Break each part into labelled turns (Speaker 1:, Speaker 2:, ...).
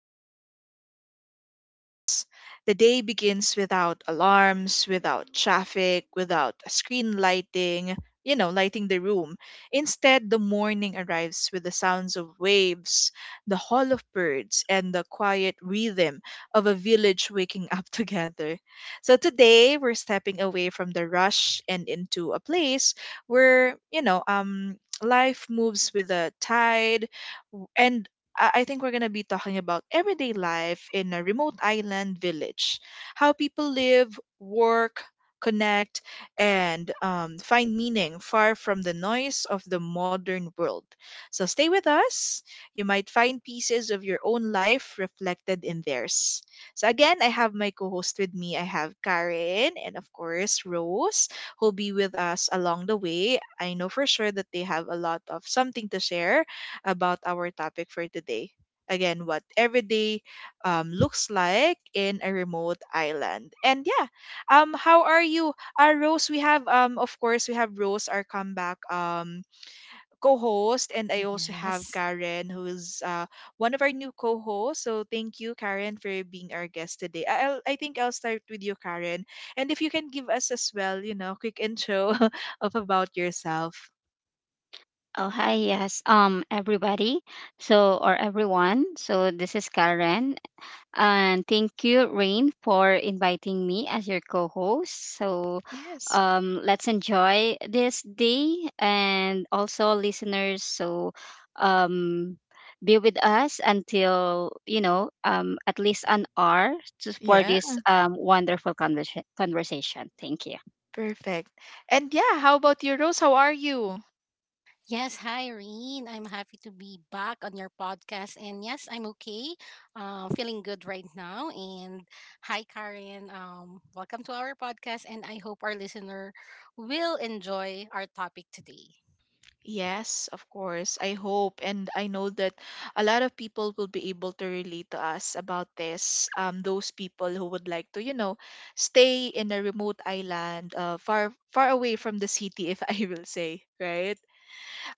Speaker 1: host. Picture this: the day begins without alarms, without traffic, without a screen lighting, lighting the room. Instead, the morning arrives with the sounds of waves, the call of birds, and the quiet rhythm of a village waking up together. So today, we're stepping away from the rush and into a place where life moves with the tide. And I think we're going to be talking about everyday life in a remote island village, how people live, work, connect, and find meaning far from the noise of the modern world. So stay with us. You might find pieces of your own life reflected in theirs. So again, I have my co-host with me. I have Karen and of course Rose who'll be with us along the way. I know for sure that they have a lot of something to share about our topic for today. Again, what everyday looks like in a remote island. And yeah, how are you, Rose? We have, of course, we have Rose, our comeback co-host, and I also have
Speaker 2: Yes.
Speaker 1: Karen who's one of our new co-hosts. So thank you, Karen, for being our guest today. I think I'll start with you, Karen, and if you can give us as well, you know, quick intro of about yourself.
Speaker 3: Oh, hi, yes. Everybody. Or everyone. So, this is Karen. And thank you, Rain, for inviting me as your co host.
Speaker 1: Yes.
Speaker 3: Let's enjoy this day, and also listeners, um, be with us until, at least an hour for
Speaker 1: Yeah.
Speaker 3: this wonderful conversation. Thank you.
Speaker 1: Perfect. And yeah, how about you, Rose? How are you?
Speaker 2: Yes, Hi Irene, I'm happy to be back on your podcast. And yes, I'm okay. Feeling good right now. And hi Karen. Welcome to our podcast. And I hope our listener will enjoy our topic today.
Speaker 1: Yes, of course. I hope and I know that a lot of people will be able to relate to us about this. Those people who would like to, you know, stay in a remote island, far far away from the city, if I will say, right?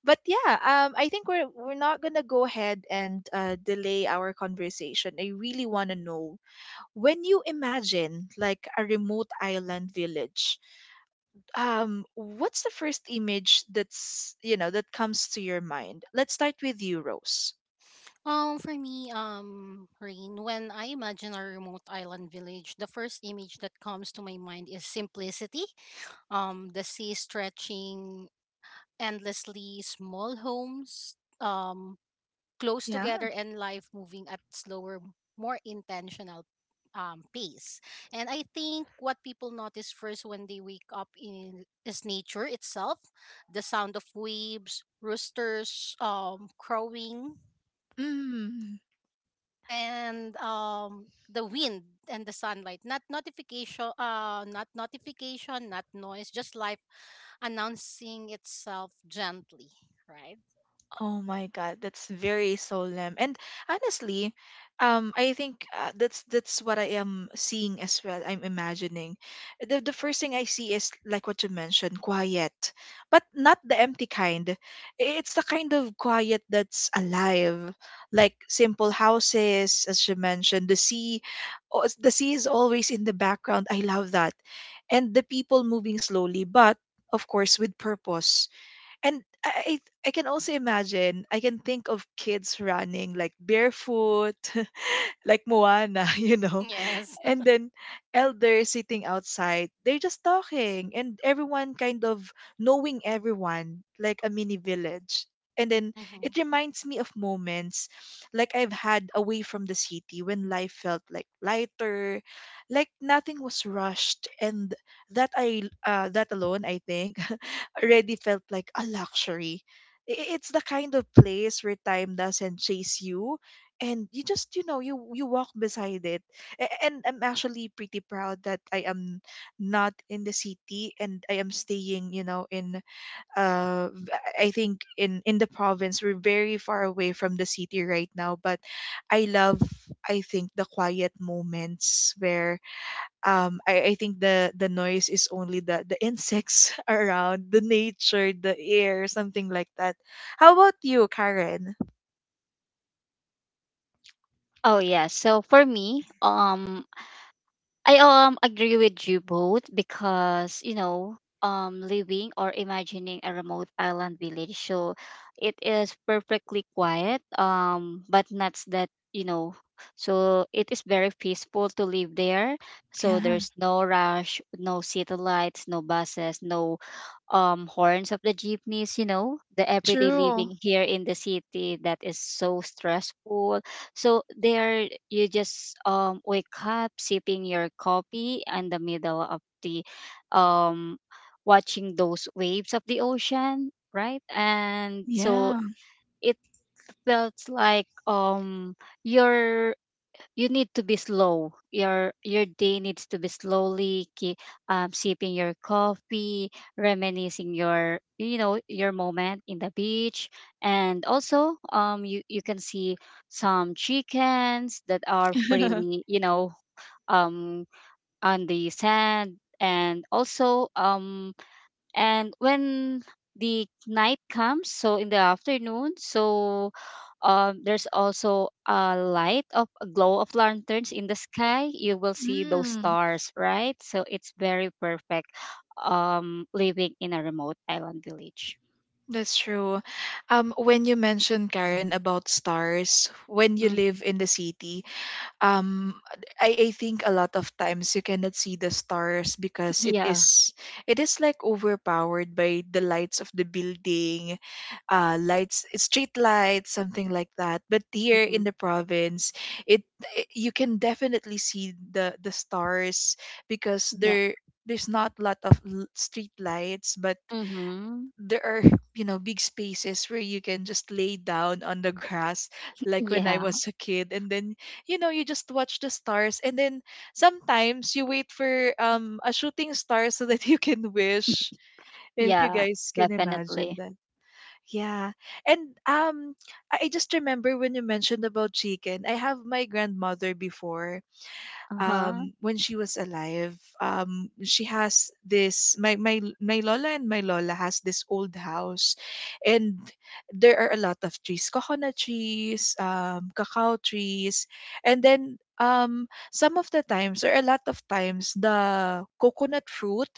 Speaker 1: But yeah, I think we're not gonna go ahead and delay our conversation. I really wanna know when you imagine like a remote island village, what's the first image that's, that comes to your mind? Let's start with you, Rose.
Speaker 2: For me, Rain, when I imagine a remote island village, the first image that comes to my mind is simplicity. The sea stretching endlessly, small homes, close together,
Speaker 1: Yeah.
Speaker 2: and life moving at slower, more intentional pace. And I think what people notice first when they wake up in is nature itself: the sound of waves, roosters, crowing,
Speaker 1: Mm.
Speaker 2: and the wind and the sunlight. Not notification, not notification, not noise, just life announcing itself gently, right?
Speaker 1: Oh my God, that's very solemn. And honestly, I think that's what I am seeing as well. I'm imagining. The first thing I see is like what you mentioned, quiet, but not the empty kind. It's the kind of quiet that's alive, like simple houses, as you mentioned. The sea, oh, the sea is always in the background. I love that, and the people moving slowly, but of course with purpose. And I can also imagine, I can think of kids running like barefoot, like Moana, you know,
Speaker 2: Yes.
Speaker 1: and then elders sitting outside. They're just talking, and everyone kind of knowing everyone, like a mini village. And then
Speaker 2: Mhm.
Speaker 1: it reminds me of moments like I've had away from the city when life felt like lighter, like nothing was rushed, and that I that alone I think already felt like a luxury. It's the kind of place where time doesn't chase you, and you just, you know, you walk beside it. And I'm actually pretty proud that I am not in the city and I am staying, you know, in uh v- I think in the province. We're very far away from the city right now, but I love, I think the quiet moments where, I think the noise is only the insects around, the nature, the air, something like that. How about you, Karen?
Speaker 3: Oh yeah, so for me, I agree with you both, because living or imagining a remote island village, so it is perfectly quiet, but not that, you know. So it is very peaceful to live there. So
Speaker 1: Yeah,
Speaker 3: there's no rush, no city lights, no buses, no horns of the jeepneys, you know, the everyday
Speaker 1: true.
Speaker 3: living here in the city that is so stressful. So there you just wake up sipping your coffee in the middle of the um watching those waves of the ocean, right? And so
Speaker 1: Yeah.
Speaker 3: it felt like, you're, you need to be slow. Your day needs to be sipping your coffee, reminiscing your, you know, your moment in the beach, and also, you can see some chickens that are pretty, you know, um on the sand. And also, and when the night comes, so in the afternoon, so there's also a light of a glow of lanterns in the sky. You will see those
Speaker 1: Mm,
Speaker 3: stars, right? So it's very perfect, living in a remote island village.
Speaker 1: that's true. When you mentioned, Karen,
Speaker 2: Mhm.
Speaker 1: about stars, when you live
Speaker 3: Hmm.
Speaker 1: in the city, um I think a lot of times you cannot see the stars because it
Speaker 3: Yeah.
Speaker 1: is, it is like overpowered by the lights of the building, lights, street lights, something like that. But here
Speaker 3: Hmm.
Speaker 1: in the province, it, it, you can definitely see the stars because
Speaker 3: Yeah.
Speaker 1: there, there's not a lot of street lights, but
Speaker 3: Hmm.
Speaker 1: there are, you know, big spaces where you can just lay down on the grass like when I
Speaker 3: Yeah.
Speaker 1: was a kid. And then, you know, you just watch the stars, and then sometimes you wait for a shooting star so that you can wish, if you
Speaker 3: Yeah,
Speaker 1: guys can imagine
Speaker 3: definitely.
Speaker 1: that. Yeah. And I just remember when you mentioned about chicken. I have my grandmother before,
Speaker 3: Uh-huh.
Speaker 1: when she was alive. She has this, my lola, and my lola has this old house, and there are a lot of trees, coconut trees, cacao trees, and then some of the times or a lot of times, the coconut fruit,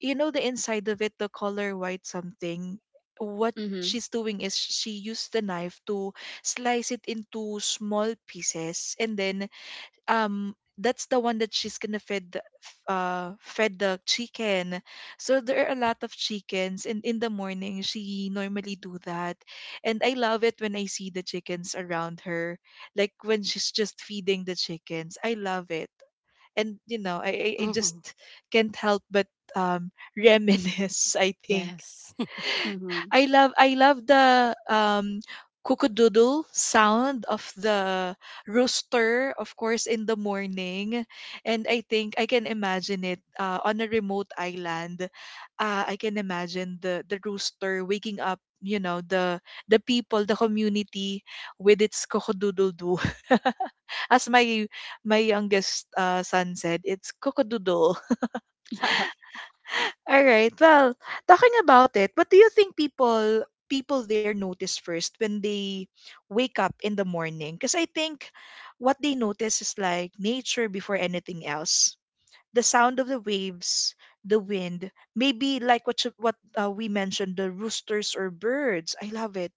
Speaker 1: you know, the inside of it, the color white something, what
Speaker 3: Mm-hmm.
Speaker 1: she's doing is she used the knife to slice it into small pieces, and then that's the one that she's gonna fed fed the chicken. So there are a lot of chickens, and in the morning she normally do that. And I love it when I see the chickens around her, like when she's just feeding the chickens. I love it. And you know, I just
Speaker 2: Mhm.
Speaker 1: can't help but um reminisce, I think.
Speaker 2: Yes.
Speaker 3: Mm-hmm.
Speaker 1: I love, I love the cuckoo sound of the rooster, of course, in the morning. And I think I can imagine it on a remote island. I can imagine the rooster waking up, you know, the people, the community with its cocodoodle-doo. As my, my youngest son said, it's cocodoodle. All right. Well, talking about it, what do you think people, people there notice first when they wake up in the morning? Because I think what they notice is like nature before anything else. The sound of the waves, the wind, maybe like what you-, what we mentioned, the roosters or birds. I love it.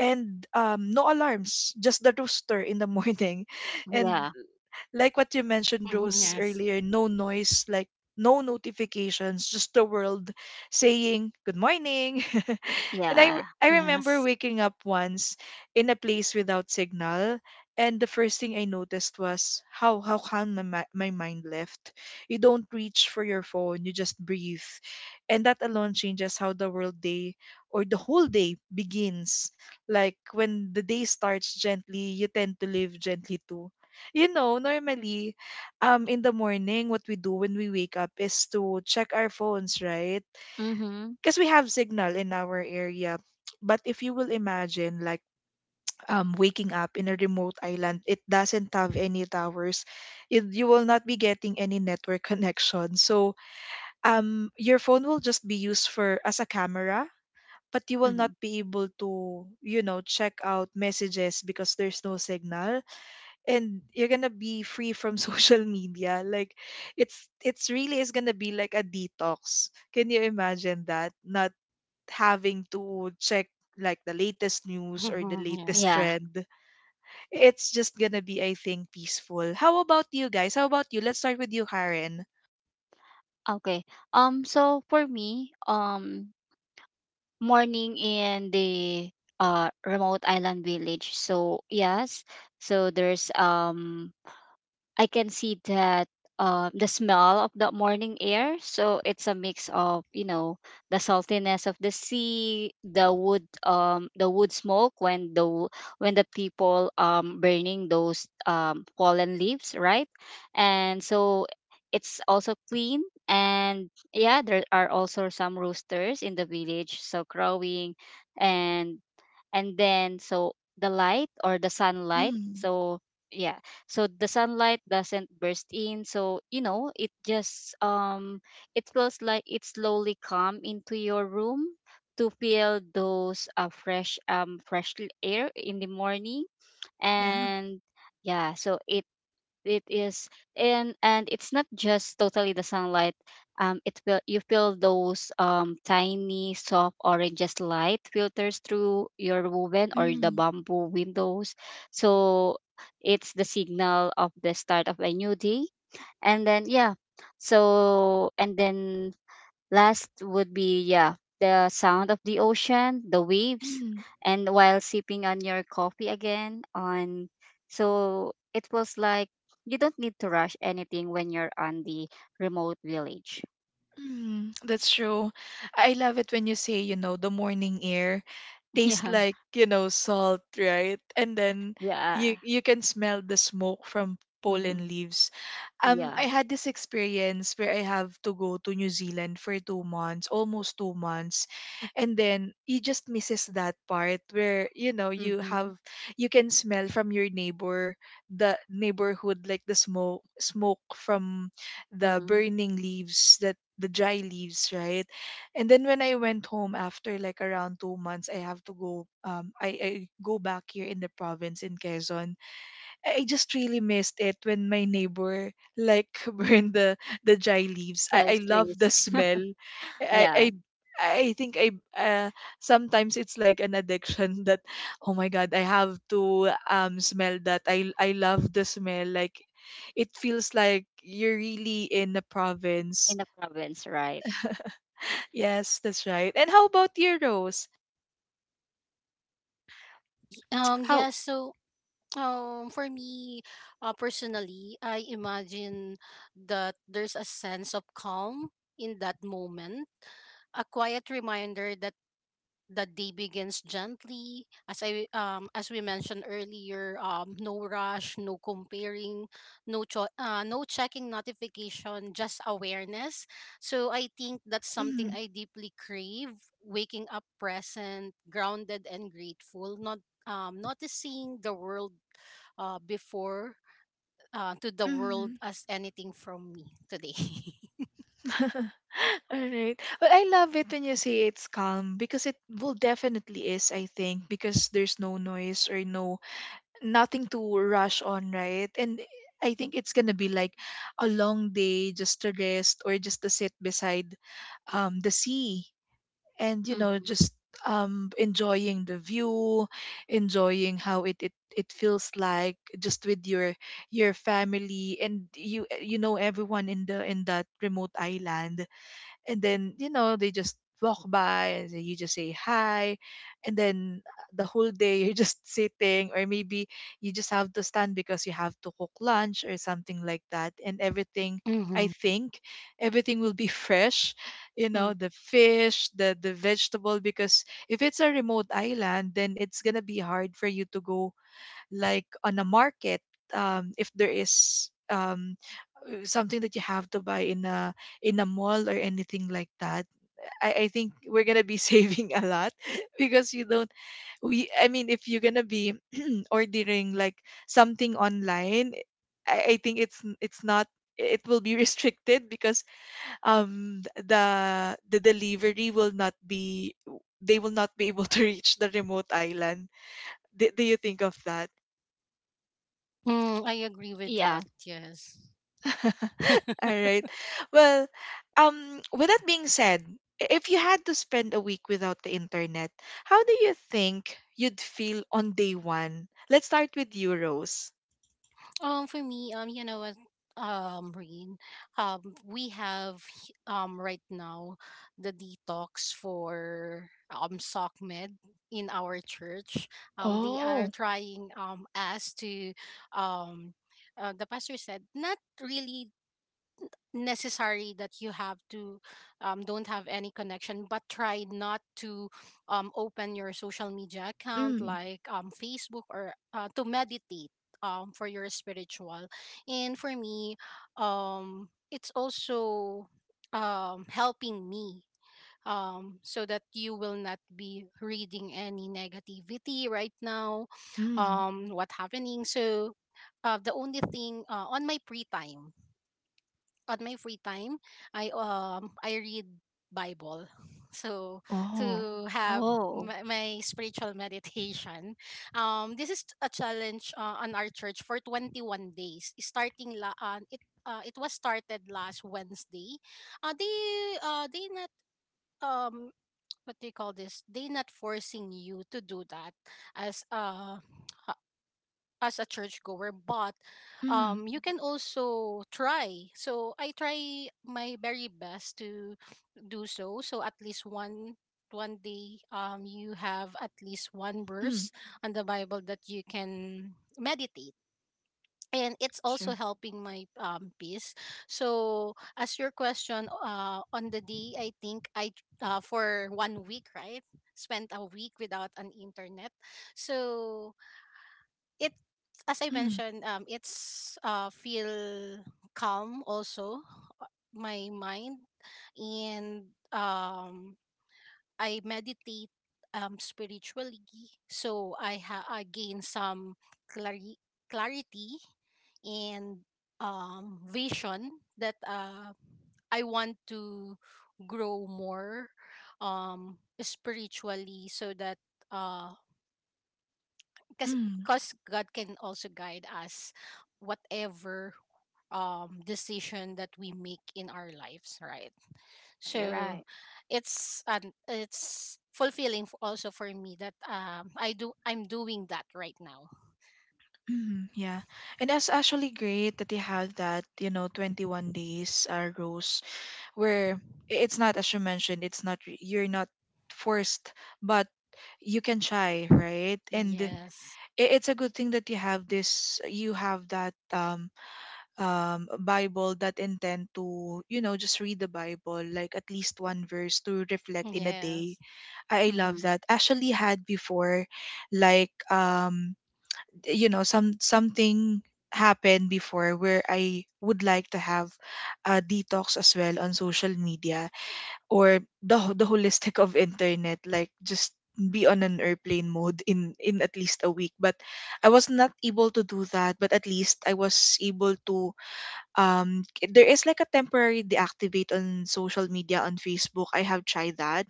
Speaker 1: And no alarms, just the rooster in the morning, and
Speaker 3: Yeah.
Speaker 1: like what you mentioned,
Speaker 2: Mhm.
Speaker 1: Rose,
Speaker 2: Yes.
Speaker 1: earlier, no noise, like no notifications, just the world saying good morning. And
Speaker 3: Yeah.
Speaker 1: I remember
Speaker 2: Yes.
Speaker 1: waking up once in a place without signal. And the first thing I noticed was how calm my mind left. You don't reach for your phone, you just breathe. And that alone changes how the world day or the whole day begins. Like when the day starts gently, you tend to live gently too. You know, normally, in the morning, what we do when we wake up is to check our phones, right?
Speaker 3: Mm-hmm.
Speaker 1: Because we have signal in our area. But if you will imagine, like, waking up in a remote island, it doesn't have any towers. It, you will not be getting any network connection. So, your phone will just be used for as a camera, but you will
Speaker 3: Mm-hmm.
Speaker 1: not be able to, you know, check out messages because there's no signal, and you're gonna be free from social media. Like it's really is gonna be like a detox. Can you imagine that, not having to check like the latest news or the
Speaker 2: Mhm.
Speaker 1: latest
Speaker 2: Yes.
Speaker 3: Yeah.
Speaker 1: trend? It's just gonna be, I think, peaceful. How about you guys? How about you? Let's start with you, Karen.
Speaker 3: Okay. So for me, morning in the remote island village. So yes, so there's I can see that, the smell of the morning air. So it's a mix of, you know, the saltiness of the sea, the wood smoke when when the people burning those fallen leaves, right? And so it's also clean. And yeah, there are also some roosters in the village, so crowing. And and then so the light or the sunlight,
Speaker 1: Mm.
Speaker 3: so yeah, so the sunlight doesn't burst in, so, you know, it just, it feels like it slowly come into your room, to feel those fresh air in the morning.
Speaker 1: Yeah.
Speaker 3: And yeah, so it is. And it's not just totally the sunlight. It feel, you feel those tiny soft oranges light filters through your woven or the
Speaker 1: Mm.
Speaker 3: bamboo windows. So it's the signal of the start of a new day. And then, yeah. So and then last would be, yeah, the sound of the ocean, the waves,
Speaker 1: Mm.
Speaker 3: and while sipping on your coffee again on, so it was like you don't need to rush anything when you're on the remote village.
Speaker 1: Mm, that's true. I love it when you say, you know, the morning air tastes
Speaker 3: Yeah.
Speaker 1: like, you know, salt, right? And then
Speaker 3: Yeah.
Speaker 1: you can smell the smoke from
Speaker 3: Mm-hmm.
Speaker 1: pollen leaves.
Speaker 3: Yeah.
Speaker 1: I had this experience where I have to go to New Zealand for 2 months, almost 2 months, and then you just misses that part where, you know, you
Speaker 3: Mm-hmm.
Speaker 1: have, you can smell from your neighbor, the neighborhood, like the smoke, smoke from the
Speaker 3: Mm-hmm.
Speaker 1: burning leaves, that, the dry leaves, right? And then when I went home after like around 2 months, I have to go. I go back here in the province in Quezon. I just really missed it when my neighbor like burned the dry leaves. I
Speaker 3: Those
Speaker 1: love
Speaker 3: trees.
Speaker 1: the smell. I I
Speaker 3: Yeah.
Speaker 1: I think I sometimes it's like an addiction that, oh my god, I have to smell that. I love the smell, like it feels like you're really in the
Speaker 3: In
Speaker 1: province.
Speaker 3: the province, right?
Speaker 1: Yes, that's right. And how about your, Rose? How?
Speaker 2: Yes, so for me, personally, I imagine that there's a sense of calm in that moment, a quiet reminder that the day begins gently. As I as we mentioned earlier, no rush, no comparing, no checking notification, just awareness. So I think that's something
Speaker 1: Mm.
Speaker 2: I deeply crave: waking up present, grounded, and grateful, not noticing the world before, to the world
Speaker 1: Mm.
Speaker 2: as anything from me today.
Speaker 1: All right. But I love it when you say it's calm, because it will definitely is, I think, because there's no noise or no nothing to rush on, right? And I think it's gonna be like a long day just to rest or just to sit beside the sea, and you know
Speaker 3: Mm-hmm.
Speaker 1: just enjoying the view, enjoying how it feels like just with your family and you know everyone in the in that remote island. And then you know they just walk by, and then you just say hi. And then the whole day you're just sitting, or maybe you just have to stand because you have to cook lunch or something like that. And everything, i
Speaker 2: Mm-hmm.
Speaker 1: think everything will be fresh, you
Speaker 3: Mm.
Speaker 1: know, the fish, the vegetable, because if it's a remote island, then it's gonna be hard for you to go like on a market. If there is something that you have to buy in a mall or anything like that, I think we're gonna be saving a lot because you don't we I mean if you're gonna be ordering like something online, I think it's not, it will be restricted, because the delivery will not be, they will not be able to reach the remote island. Do you think of that?
Speaker 2: I agree with
Speaker 3: Yeah.
Speaker 2: that, yes.
Speaker 1: All right. Well, with that being said, if you had to spend a week without the internet, how do you think you'd feel on day one? Let's start with you, Rose.
Speaker 2: For me, you know what, Rain, we have right now the detox for sock med in our church. They are
Speaker 1: Oh,
Speaker 2: trying us to um. The pastor said not really necessary that you have to don't have any connection, but try not to open your social media account
Speaker 1: mm.
Speaker 2: like Facebook, or to meditate for your spiritual. And for me, it's also helping me, so that you will not be reading any negativity right now,
Speaker 1: Mm.
Speaker 2: what happening. So the only thing, on my free time, I read Bible. So
Speaker 1: Oh.
Speaker 2: to have
Speaker 3: Oh,
Speaker 2: my, my spiritual meditation. This is a challenge on our church for 21 days. Starting la it It was started last Wednesday. They not um what do you call this? They not forcing you to do that as uh as a churchgoer, but
Speaker 1: Mm.
Speaker 2: you can also try. So I try my very best to do so. So at least one day, you have at least one
Speaker 1: Mm.
Speaker 2: verse on the Bible that you can meditate. And it's also
Speaker 1: Sure.
Speaker 2: helping my peace. So, as your question, on the day, for one week, right, spent a week without an internet. So, it, as I
Speaker 1: Mm.
Speaker 2: mentioned, it's feel calm also my mind, and I meditate spiritually, so I gain some clari- clarity and vision that I want to grow more spiritually, so that uh, because
Speaker 1: Mm.
Speaker 2: because God can also guide us whatever decision that we make in our lives, right?
Speaker 3: you're
Speaker 2: So
Speaker 3: right.
Speaker 2: it's fulfilling also for me that I'm doing that right now.
Speaker 1: Mm. Yeah. And that's actually great that you have that, you know, 21 days, Rose, where it's not, as you mentioned, it's not you're not forced, but you can try, right? And
Speaker 2: Yes.
Speaker 1: it's a good thing that you have this, you have that bible that intend to, you know, just read the bible like at least one verse to reflect in a day.
Speaker 2: Yes.
Speaker 1: I
Speaker 3: Mm-hmm.
Speaker 1: love that. Actually had before, like, you know, something happened before where I would like to have a detox as well on social media or the the holistic of internet, like just be on an airplane mode in at least a week. But I was not able to do that, but at least I was able to there is like a temporary deactivate on social media on facebook. I have tried that,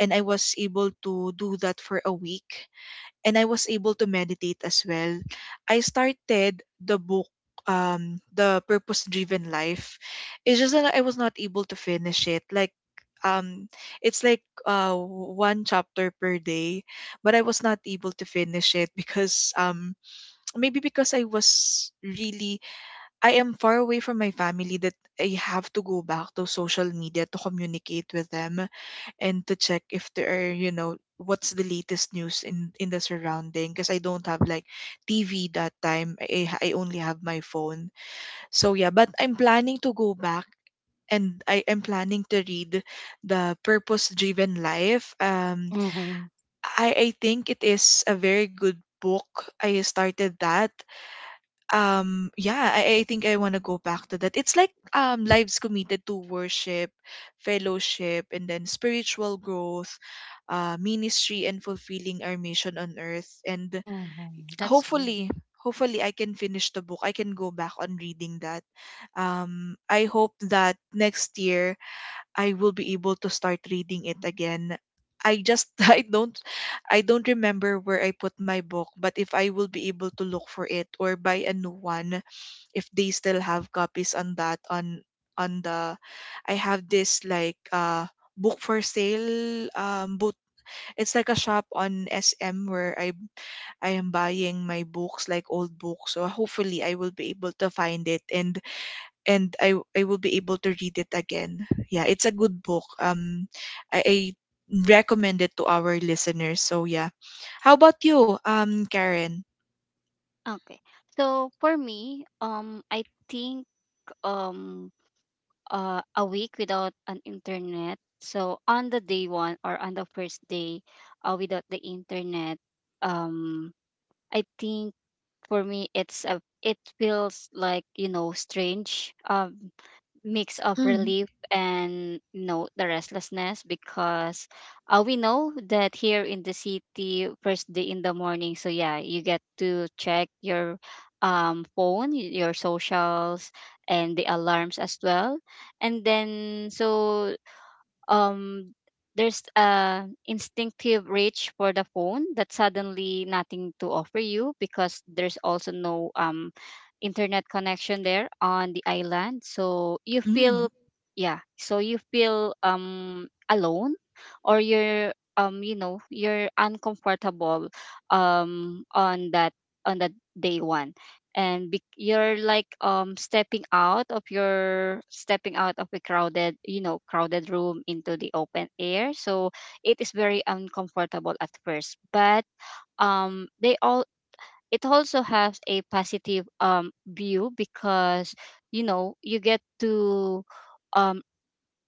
Speaker 1: and I was able to do that for a week, and I was able to meditate as well. I started the book, the purpose driven life. It's just that I was not able to finish it, like, um it's like one chapter per day, but I was not able to finish it because maybe because I was really, I am far away from my family, that I have to go back to social media to communicate with them and to check if there are, you know, what's the latest news in the surrounding, because I don't have like TV that time. I only have my phone. So yeah, but I'm planning to go back, and I am planning to read the Purpose Driven Life.
Speaker 2: Mm-hmm.
Speaker 1: I think it is a very good book. I started that. I think I want to go back to that. It's like lives committed to worship, fellowship, and then spiritual growth, uh, ministry and fulfilling our mission on earth. And
Speaker 2: Mm-hmm. That's good.
Speaker 1: hopefully hopefully I can finish the book, I can go back on reading that. I hope that next year I will be able to start reading it again. I just I don't remember where I put my book, but if I will be able to look for it or buy a new one, if they still have copies on that, on the I have this like book for sale, boot, it's like a shop on SM where I am buying my books, like old books. So hopefully I will be able to find it, and I will be able to read it again. Yeah, it's a good book. I recommend it to our listeners. So yeah, how about you, Karen?
Speaker 3: Okay. So for me, I think um a week without an internet. So on the day one or on the first day, without the internet, um, I think for me it's a, it feels like, you know, strange. Mix of
Speaker 1: Mm.
Speaker 3: relief and, you know, the restlessness, because we know that here in the city first day in the morning, so yeah, you get to check your phone, your socials and the alarms as well. And then, so um there's a instinctive reach for the phone that suddenly nothing to offer you, because there's also no internet connection there on the island. So you feel, yeah, so you feel alone, or you're, you know, you're uncomfortable um on that on that day one. You're like stepping out of a crowded, you know, crowded room into the open air. So it is very uncomfortable at first, but they all it also has a positive view, because, you know, you get to um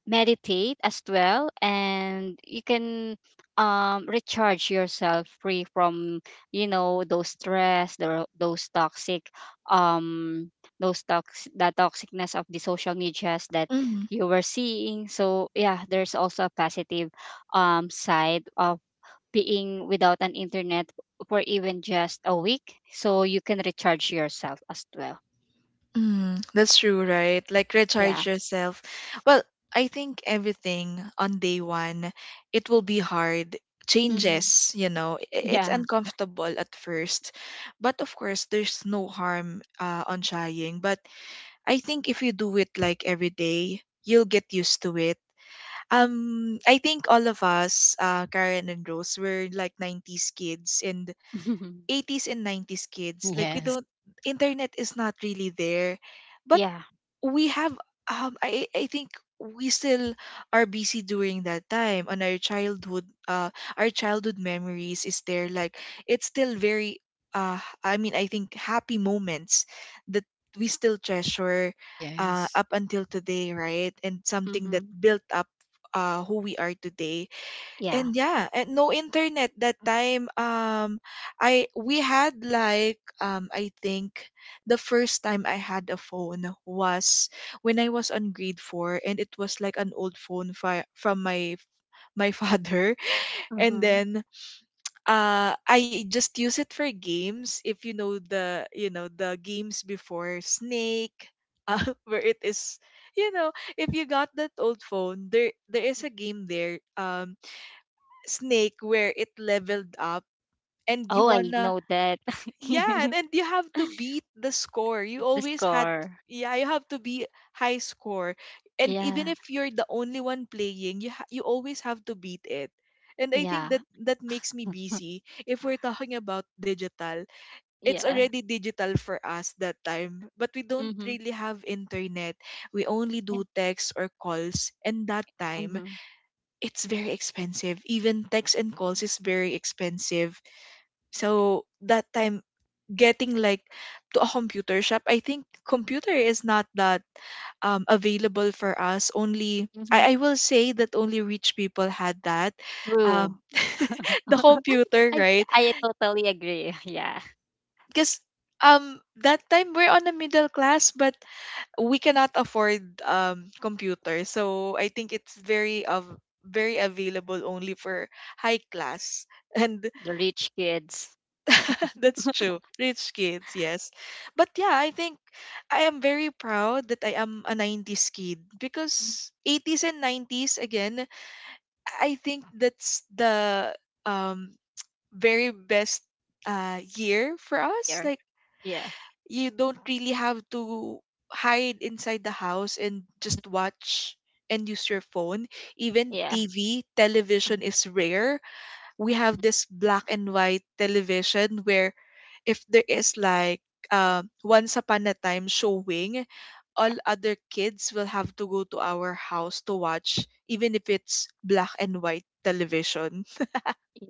Speaker 3: meditate as well, and you can recharge yourself free from, you know, those toxic, um those tox the toxicness of the social medias that
Speaker 1: Mm-hmm.
Speaker 3: you were seeing. So yeah, there's also a positive side of being without an internet for even just a week, so you can recharge yourself as well.
Speaker 1: Mm, that's true, right? Like
Speaker 3: Yeah.
Speaker 1: recharge yourself. Well, I think everything on day one, it will be hard.
Speaker 3: Mm-hmm.
Speaker 1: Changes, you know, it's
Speaker 3: Yeah.
Speaker 1: uncomfortable at first, but of course, there's no harm on trying. But I think if you do it like every day, you'll get used to it. I think all of us, Karen and Rose, were like 90s kids and 80s and 90s kids. Like we
Speaker 2: Yes.
Speaker 1: don't, internet is not really there, but
Speaker 3: Yeah.
Speaker 1: we have, I think we still are busy during that time on our childhood, uh, our childhood memories is there, like it's still very uh, I mean, I think happy moments that we still treasure
Speaker 2: Yes.
Speaker 1: up until today, right? And something
Speaker 3: Mm-hmm.
Speaker 1: that built up uh, who we are today.
Speaker 3: Yeah.
Speaker 1: And yeah, and no internet that time. I We had like I think the first time I had a phone was when I was on grade 4, and it was like an old phone from my father. And
Speaker 3: Mhm.
Speaker 1: then uh, I just use it for games. If you know the, you know, the games before, snake, uh, where it is, you know, if you got that old phone there, there is a game there, snake, where it leveled up and you
Speaker 3: Oh, I
Speaker 1: wanna,
Speaker 3: know that.
Speaker 1: yeah. And you have to beat the score, you
Speaker 3: The
Speaker 1: always had,
Speaker 3: score.
Speaker 1: yeah, you have to be high score. And even
Speaker 3: Yeah.
Speaker 1: if you're the only one playing, you you always have to beat it. And I think
Speaker 3: Yeah.
Speaker 1: that makes me busy. If we're talking about digital, it's
Speaker 3: Yeah.
Speaker 1: already digital for us that time, but we don't
Speaker 3: Mm-hmm.
Speaker 1: really have internet. We only
Speaker 3: Yeah.
Speaker 1: do texts or calls, and that time
Speaker 3: Mm-hmm.
Speaker 1: it's very expensive. Even text and calls is very expensive. So that time getting like to a computer shop, I think computer is not that available for us. Only
Speaker 3: Mm-hmm.
Speaker 1: I will say that only rich people had that. Um,
Speaker 3: True.
Speaker 1: the computer,
Speaker 3: I
Speaker 1: right?
Speaker 3: I totally agree. Yeah.
Speaker 1: Because um, that time we're on a middle class, but we cannot afford computers, so I think it's very of, very available only for high class, and
Speaker 3: The rich kids.
Speaker 1: that's true, rich kids, yes. But yeah, I think I am very proud that I am a 90s kid,
Speaker 3: Mm,
Speaker 1: because 80s and 90s again, I think that's the um very best uh, year for us.
Speaker 3: here.
Speaker 1: Like,
Speaker 3: Yeah.
Speaker 1: you don't really have to hide inside the house and just watch and use your phone. Even
Speaker 3: Yeah.
Speaker 1: TV,
Speaker 3: Mm.
Speaker 1: television is rare. We have this black and white television where if there is like once upon a time showing, all other kids will have to go to our house to watch, even if it's black and white television.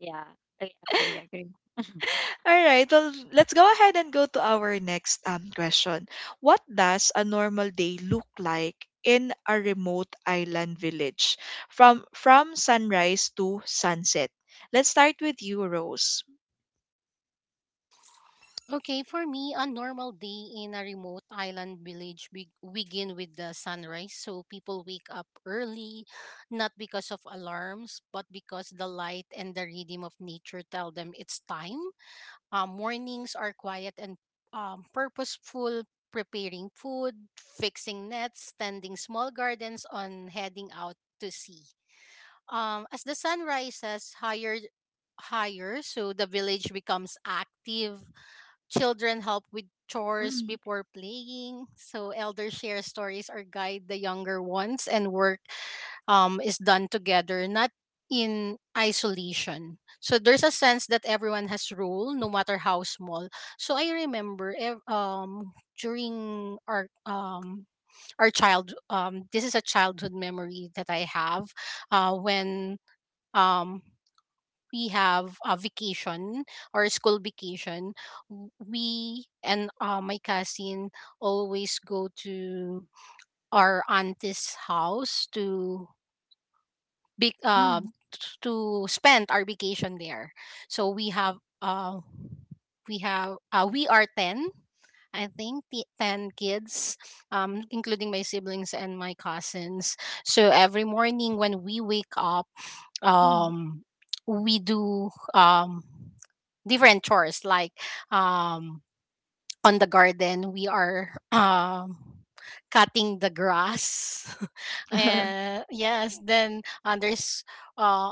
Speaker 3: Yeah. I agree. Agree.
Speaker 1: All right. Well, let's go ahead and go to our next question. What does a normal day look like in a remote island village from sunrise to sunset? Let's start with you, Rose.
Speaker 2: Okay, for me, a normal day in a remote island village begin with the sunrise. So people wake up early, not because of alarms, but because the light and the rhythm of nature tell them it's time. Mornings are quiet and purposeful, preparing food, fixing nets, tending small gardens, on heading out to sea. As the sun rises higher, higher, so the village becomes active. Children help with chores
Speaker 1: Mm,
Speaker 2: before playing. So elders share stories or guide the younger ones, and work is done together, not in isolation. So there's a sense that everyone has role, no matter how small. So during our child this is a childhood memory that I have, when um we have a vacation or school vacation, we and my cousin always go to our auntie's house
Speaker 1: mm,
Speaker 2: to spend our vacation there. So we are 10, I think, the 10 kids, including my siblings and my cousins. So every morning when we wake up,
Speaker 1: mm.
Speaker 2: um, we do different chores, like um, on the garden we are cutting the grass, and yes. Then uh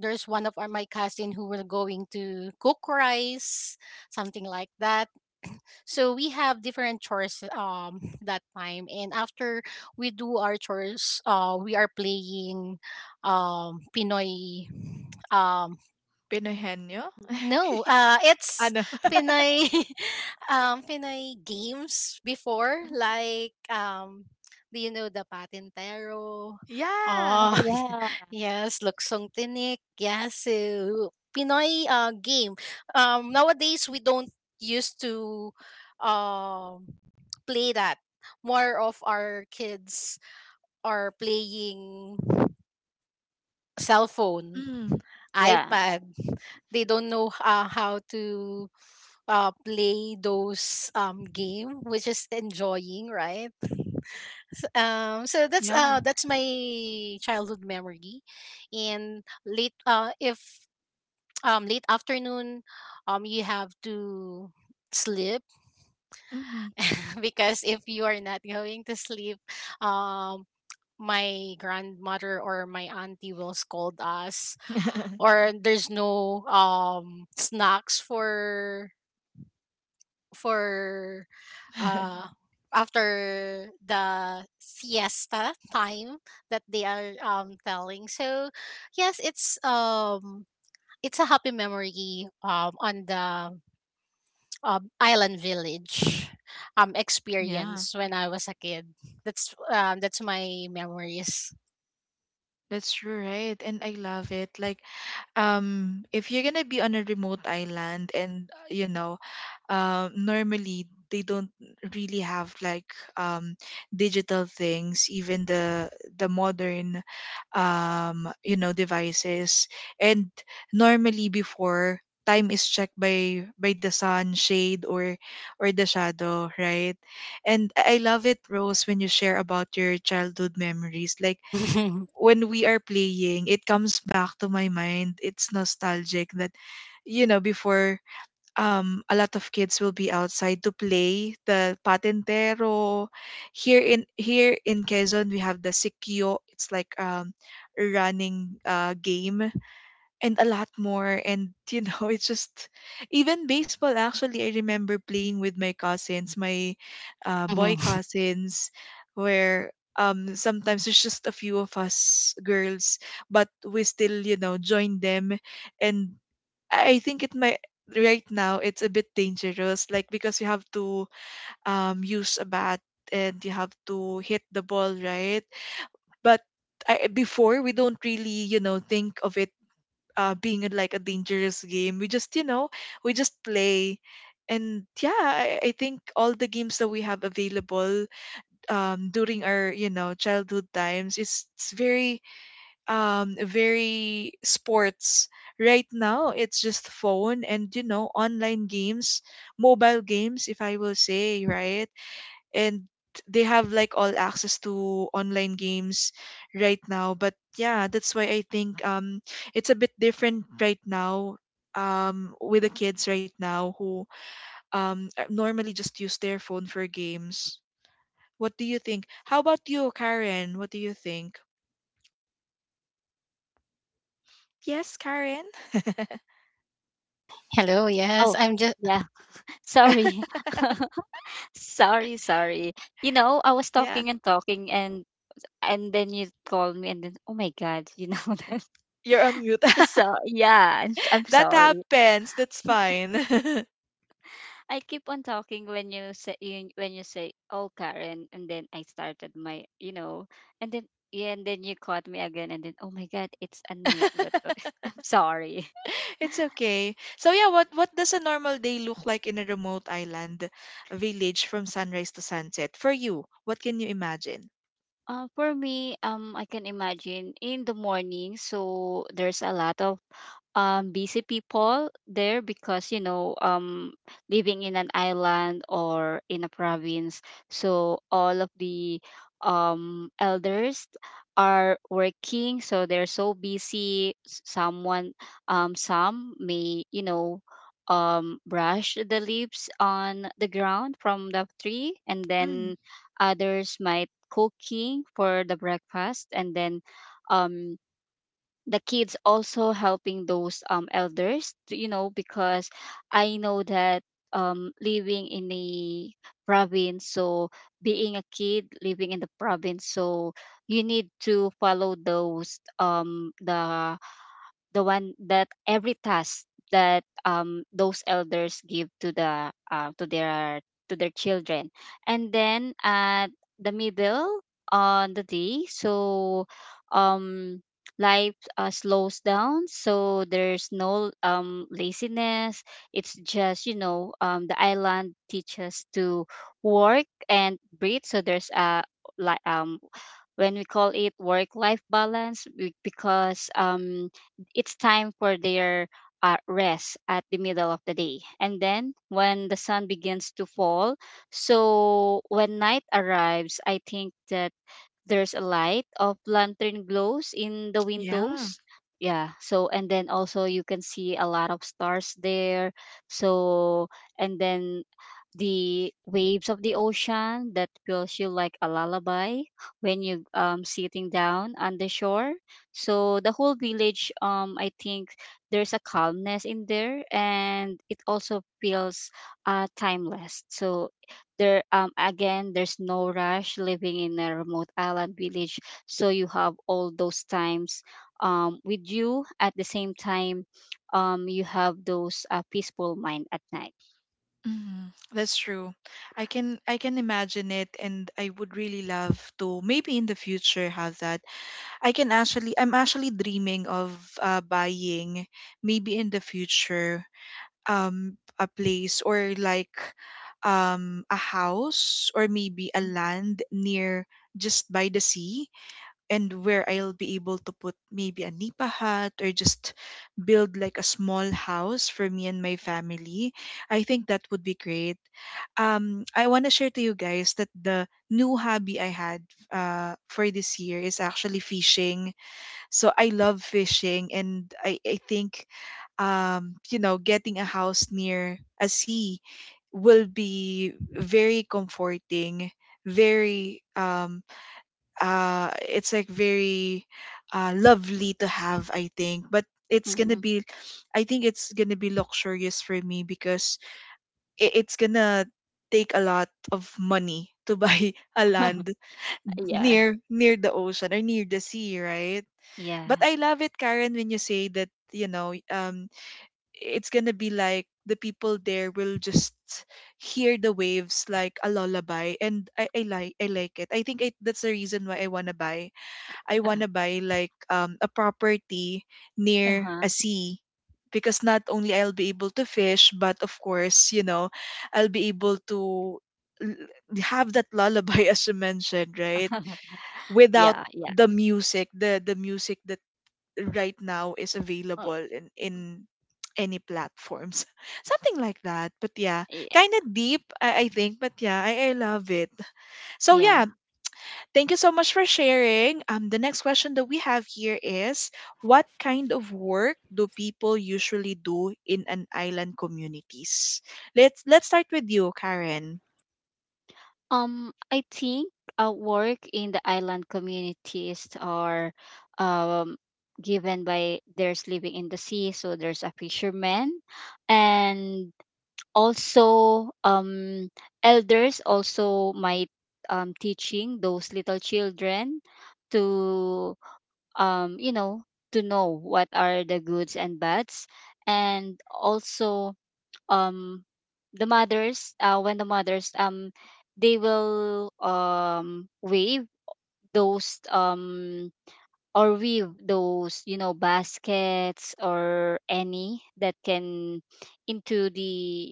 Speaker 2: there's one of our, my cousin, who were going to cook rice, something like that. So we have different chores that time. And after we do our chores, we are playing pinoy.
Speaker 1: Pinoy hen nyo?
Speaker 2: No, it's
Speaker 1: Ano?
Speaker 2: Pinay, Pinay games before,
Speaker 3: Mhm.
Speaker 2: like, do you know the Patintero?
Speaker 1: yeah.
Speaker 3: Oh
Speaker 2: Oh,
Speaker 3: yeah.
Speaker 2: yes, Luksong Tinik, Yasu. Pinoy game. Nowadays, we don't used to um, play that. More of our kids are playing cell phone,
Speaker 1: Mm,
Speaker 3: Yeah.
Speaker 2: iPad. They don't know how to play those game, which is enjoying, right? So
Speaker 1: yeah.
Speaker 2: that's my childhood memory. And late if late afternoon, you have to sleep
Speaker 1: Hmm.
Speaker 2: because if you are not going to sleep, um my grandmother or my auntie will scold us, or there's no snacks for, uh after the siesta time that they are telling. So yes, it's a happy memory on the island village
Speaker 1: yeah.
Speaker 2: experience when I was a kid. That's my memories.
Speaker 1: That's true, right? And I love it. Like, if you're gonna be on a remote island and, you know, normally they don't really have like um, digital things, even the modern you know, devices. And normally before, time is checked by the sun shade or the shadow, right? And I love it, Rose, when you share about your childhood memories, like when we are playing, it comes back to my mind, it's nostalgic that, you know, before a lot of kids will be outside to play the patentero. Here in Quezon, we have the sikyo. It's like a running game, and a lot more. And you know, it's just, even baseball. Actually, I remember playing with my cousins, my boy
Speaker 2: Mhm.
Speaker 1: cousins, where sometimes it's just a few of us girls, but we still you know join them. And I think it might, right now it's a bit dangerous, like, because you have to um, use a bat and you have to hit the ball, right? But before we don't really, you know, think of it being like a dangerous game. We just, you know, we just play. And yeah, I think all the games that we have available during our, you know, childhood times, is it's very um, very sports. Right now it's just phone and, you know, online games, mobile games, if I will say, right? And they have like all access to online games right now. But yeah, that's why I think um, it's a bit different right now um, with the kids right now who um, normally just use their phone for games. What do you think? How about you, Karen? What do you think? Yes, Karen.
Speaker 2: Hello, yes,
Speaker 3: Oh
Speaker 2: I'm just
Speaker 3: yeah. Sorry. Sorry. Sorry. You know, I was
Speaker 1: Yeah.
Speaker 3: talking and talking, and then you called me, and then oh my god, you know, that.
Speaker 1: You're on mute.
Speaker 3: So yeah, I'm
Speaker 1: That
Speaker 3: sorry.
Speaker 1: happens. That's fine.
Speaker 3: I keep on talking when when you say oh Karen, and then I started my, you know, and then yeah, and then you caught me again, and then oh my God, it's unmute. But I'm sorry.
Speaker 1: It's okay. So yeah, what does a normal day look like in a remote island village from sunrise to sunset for you? What can you imagine?
Speaker 3: For me, I can imagine in the morning, so there's a lot of busy people there, because, you know, living in an island or in a province, so all of the elders are working, so they're so busy. Someone, some may, you know, brush the leaves on the ground from the tree, and
Speaker 1: Mm,
Speaker 3: then others might cooking for the breakfast. And then um the kids also helping those elders, you know, because I know that living in the province, so being a kid living in the province, so you need to follow those, the one that every task that, those elders give to the to their, to their children. And then at the middle on the day, so um life slows down. So there's no laziness. It's just, you know, the island teaches to work and breathe. So there's a, like, when we call it work life balance, because, it's time for their rest at the middle of the day. And then when the sun begins to fall, so when night arrives, I think that there's a light of lantern glows in the
Speaker 1: yeah.
Speaker 3: windows. Yeah, so and then also you can see a lot of stars there. So and then the waves of the ocean that feels you like a lullaby, when you sitting down on the shore. So the whole village, I think, there's a calmness in there, and it also feels timeless. So there, again, there's no rush living in a remote island village. So you have all those times with you. At the same time, you have those peaceful mind at night.
Speaker 1: Mm, that's true. I can imagine it, and I would really love to maybe in the future have that. I'm actually dreaming of buying, maybe in the future, a place, or like a house, or maybe a land near, just by the sea, and where I'll be able to put maybe a nipa hut, or just build like a small house for me and my family. I think that would be great. I want to share to you guys that the new hobby I had for this year is actually fishing. So I love fishing, and I think, getting a house near a sea will be very comforting, very, it's like very lovely to have, I think. But it's gonna
Speaker 3: Hmm.
Speaker 1: be I think it's gonna be luxurious for me, because it's gonna take a lot of money to buy a land
Speaker 3: Yeah.
Speaker 1: near the ocean, or near the sea, right? But
Speaker 3: Yeah.
Speaker 1: I love it, Karen, when you say that, it's going to be like the people there will just hear the waves like a lullaby. And I like it. I think, that's the reason why I want to buy. I want to buy like a property near
Speaker 3: Uh-huh.
Speaker 1: a sea, because not only I'll be able to fish, but of course, I'll be able to l- have that lullaby as you mentioned, right? Without
Speaker 3: Yeah. Yeah.
Speaker 1: the music, the music that right now is
Speaker 3: Uh,
Speaker 1: available in any platforms something like that, but yeah,
Speaker 3: yeah.
Speaker 1: kind of deep, I think, but yeah, I love it. So
Speaker 3: Yeah.
Speaker 1: yeah, thank you so much for sharing. The next question that we have here is, what kind of work do people usually do in an island communities? Let's start with you, Karen.
Speaker 3: I think work in the island communities are um, given by there's living in the sea, so there's a fisherman. And also, elders also might, teaching those little children to, you know, to know what are the goods and bads. And also um the mothers, when the mothers they will wave those or weave those, you know, baskets or any that can into the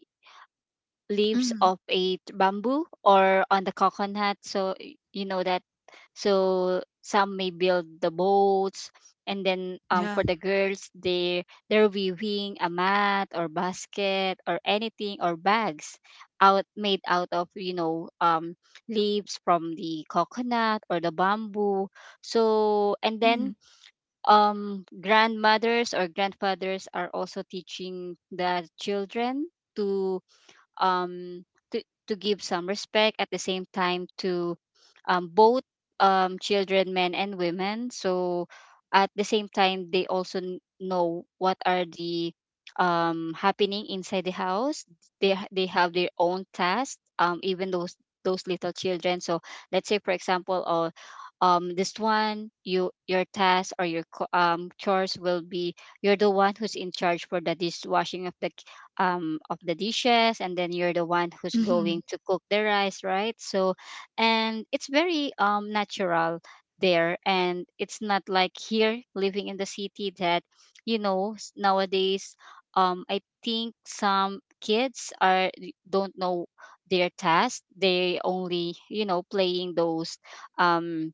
Speaker 3: leaves
Speaker 1: Mm,
Speaker 3: of a bamboo or on the coconut, so, you know that. So some may build the boats. And then,
Speaker 1: yeah.
Speaker 3: for the girls, they're weaving a mat or basket or anything or bags out made out of, you know, leaves from the coconut or the bamboo. So and then
Speaker 1: Mm.
Speaker 3: grandmothers or grandfathers are also teaching the children to, um, to, to give some respect. At the same time, to, both, children, men and women. So at the same time, they also know what are the, happening inside the house. They have their own tasks, even those little children. So let's say, for example, this one, you, your task or chores will be you're the one who's in charge for the dishwashing of the, of the dishes. And then you're the one who's
Speaker 1: Mhm.
Speaker 3: going to cook the rice, right? So and it's very natural there. And it's not like here living in the city that, you know, nowadays, I think some kids are don't know their task. They only, you know, playing those, um,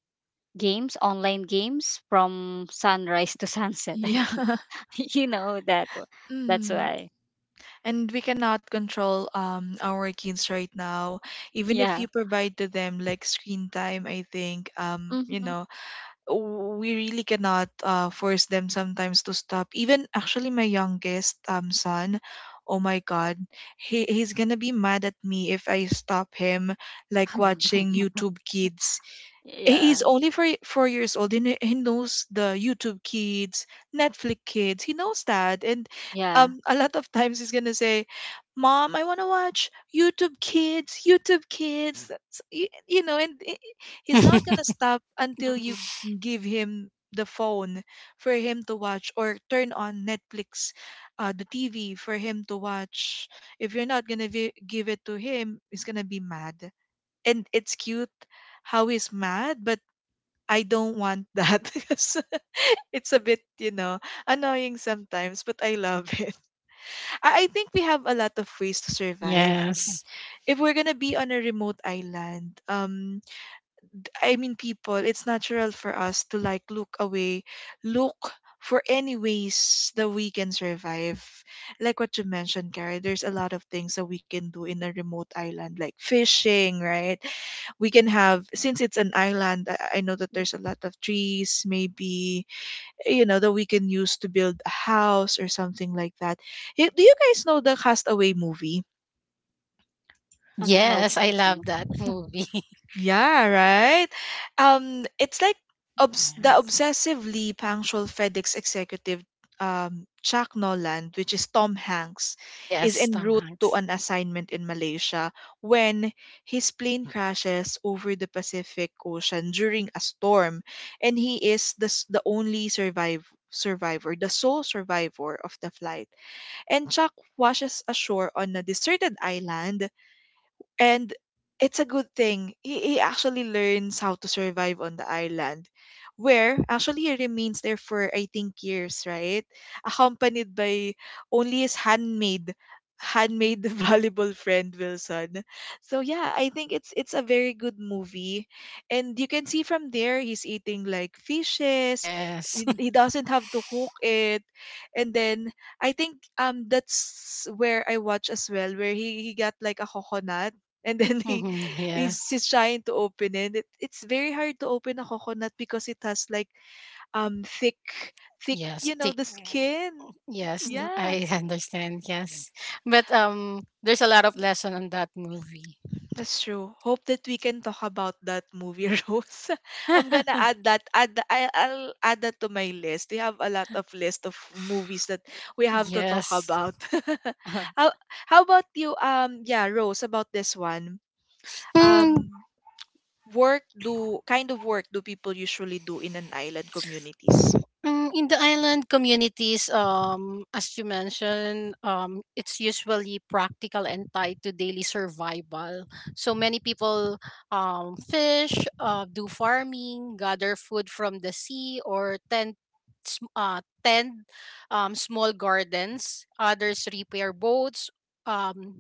Speaker 3: games, online games, from sunrise to sunset. I
Speaker 1: Yeah.
Speaker 3: think you know that. That's
Speaker 1: Mm.
Speaker 3: why.
Speaker 1: And we cannot control our kids right now, even if
Speaker 3: Yeah.
Speaker 1: you provide to them like screen time, I think.
Speaker 3: Mhm.
Speaker 1: We really cannot force them sometimes to stop. Even actually my youngest son, oh my god, he's gonna be mad at me if I stop him, like watching YouTube Kids.
Speaker 3: Yeah.
Speaker 1: He's only 4 years old, and he knows the YouTube Kids, Netflix Kids, he knows that. And
Speaker 3: Yeah.
Speaker 1: a lot of times he's gonna say, "Mom, I want to watch YouTube Kids, YouTube Kids." You know, he's not gonna stop until you
Speaker 3: Mhm.
Speaker 1: give him the phone for him to watch, or turn on Netflix, the TV for him to watch. If you're not gonna give it to him, he's gonna be mad. And it's cute how he's mad, but I don't want that because it's a bit, annoying sometimes, but I love it. I think we have a lot of ways to survive.
Speaker 2: yes.
Speaker 1: If we're gonna be on a remote island, I mean, people, it's natural for us to like look away, look for any ways that we can survive. Like what you mentioned, Carrie, there's a lot of things that we can do in a remote island, like fishing, right? We can have, since it's an island, I know that there's a lot of trees, maybe, you know, that we can use to build a house or something like that. Do you guys know the Castaway movie?
Speaker 3: No
Speaker 2: Yes, I
Speaker 3: perfect.
Speaker 2: love that movie.
Speaker 1: Yeah, right. It's like, the
Speaker 2: Yes.
Speaker 1: obsessively punctual FedEx executive, Chuck Noland, which is Tom Hanks, is
Speaker 2: Yes,
Speaker 1: en
Speaker 2: Tom
Speaker 1: route to
Speaker 2: Hanks.
Speaker 1: an assignment in Malaysia when his plane crashes over the Pacific Ocean during a storm, and he is the only survive survivor, the sole survivor of the flight. And Chuck washes ashore on a deserted island, and it's a good thing. He actually learns how to survive on the island, where actually he remains there for, I think, years, right? Accompanied by only his handmade valuable friend Wilson. So yeah, I think it's a very good movie. And you can see from there, he's eating like fishes.
Speaker 2: Yes.
Speaker 1: He he doesn't have to cook it. And then I think that's where I watch as well, where he got like a coconut, and then he,
Speaker 2: Mhm. Yes.
Speaker 1: he's trying to open it. It's very hard to open a coconut because it has like thick, thick
Speaker 2: Yes.
Speaker 1: you know
Speaker 2: Tick.
Speaker 1: the skin.
Speaker 2: Yes.
Speaker 3: Mhm.
Speaker 1: Yeah,
Speaker 2: I understand. Yes. But there's a lot of lesson on that movie.
Speaker 1: that's true. Hope that we can talk about that movie Rose. I'm gonna add that, I'll add that to my list. We have a lot of list of movies that we have to talk
Speaker 2: Yes.
Speaker 1: about how, how about you, yeah, Rose, about this one?
Speaker 2: Hmm.
Speaker 1: um work do Kind of work do people usually do in an island communities?
Speaker 2: In the island communities, as you mentioned, it's usually practical and tied to daily survival. So many people fish, do farming, gather food from the sea, or tend small gardens. Others repair boats. Um,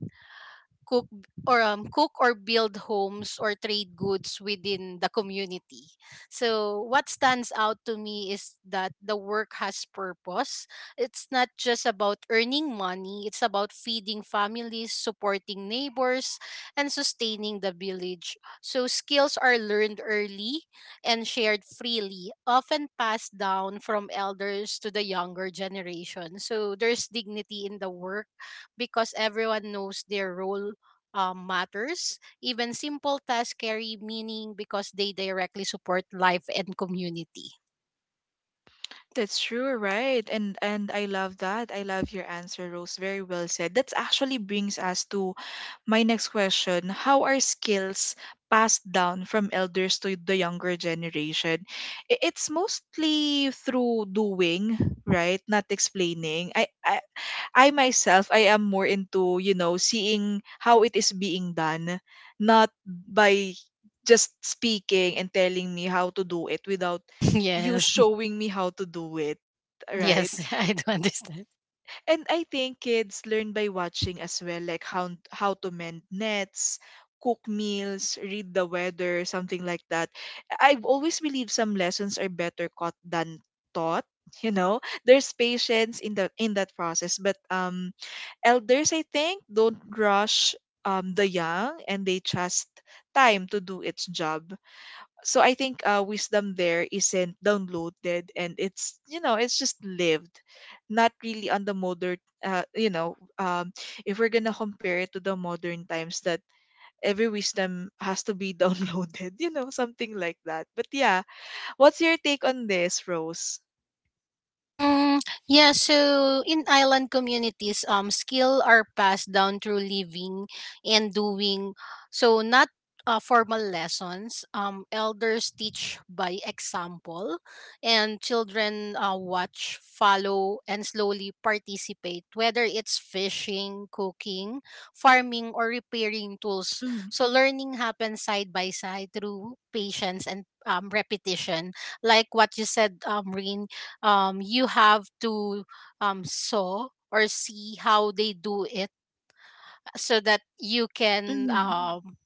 Speaker 2: cook cook or build homes or trade goods within the community. So what stands out to me is that the work has purpose. It's not just about earning money, it's about feeding families, supporting neighbors, and sustaining the village. So skills are learned early and shared freely, often passed down from elders to the younger generation. So there's dignity in the work because everyone knows their role matters. Even simple tasks carry meaning because they directly support life and community.
Speaker 1: That's true, right? And I love that. I love your answer, Rose. Very well said. That actually brings us to my next question. How are skills passed down from elders to the younger generation? It's mostly through doing, right? Not explaining. I myself, I am more into, you know, seeing how it is being done, not by just speaking and telling me how to do it without you
Speaker 2: Yes.
Speaker 1: showing me how to do it, right?
Speaker 2: Yes, I do understand.
Speaker 1: And I think kids learn by watching as well, like how to mend nets, cook meals, read the weather, something like that. I've always believed some lessons are better caught than taught. you know. There's patience in the in that process, but elders, I think, don't rush the young, and they trust time to do its job. So I think, wisdom there isn't downloaded, and it's, it's just lived, not really on the modern— uh, you know, um, if we're going to compare it to the modern times that every wisdom has to be downloaded, something like that. But yeah, what's your take on this, Rose?
Speaker 2: Mm, yeah, so in island communities, skill are passed down through living and doing. So not formal lessons. Elders teach by example, and children watch, follow, and slowly participate. Whether it's fishing, cooking, farming, or repairing tools.
Speaker 1: Mm-hmm.
Speaker 2: So learning happens side by side through patience and repetition. Like what you said, Rin, you have to saw or see how they do it, so that you can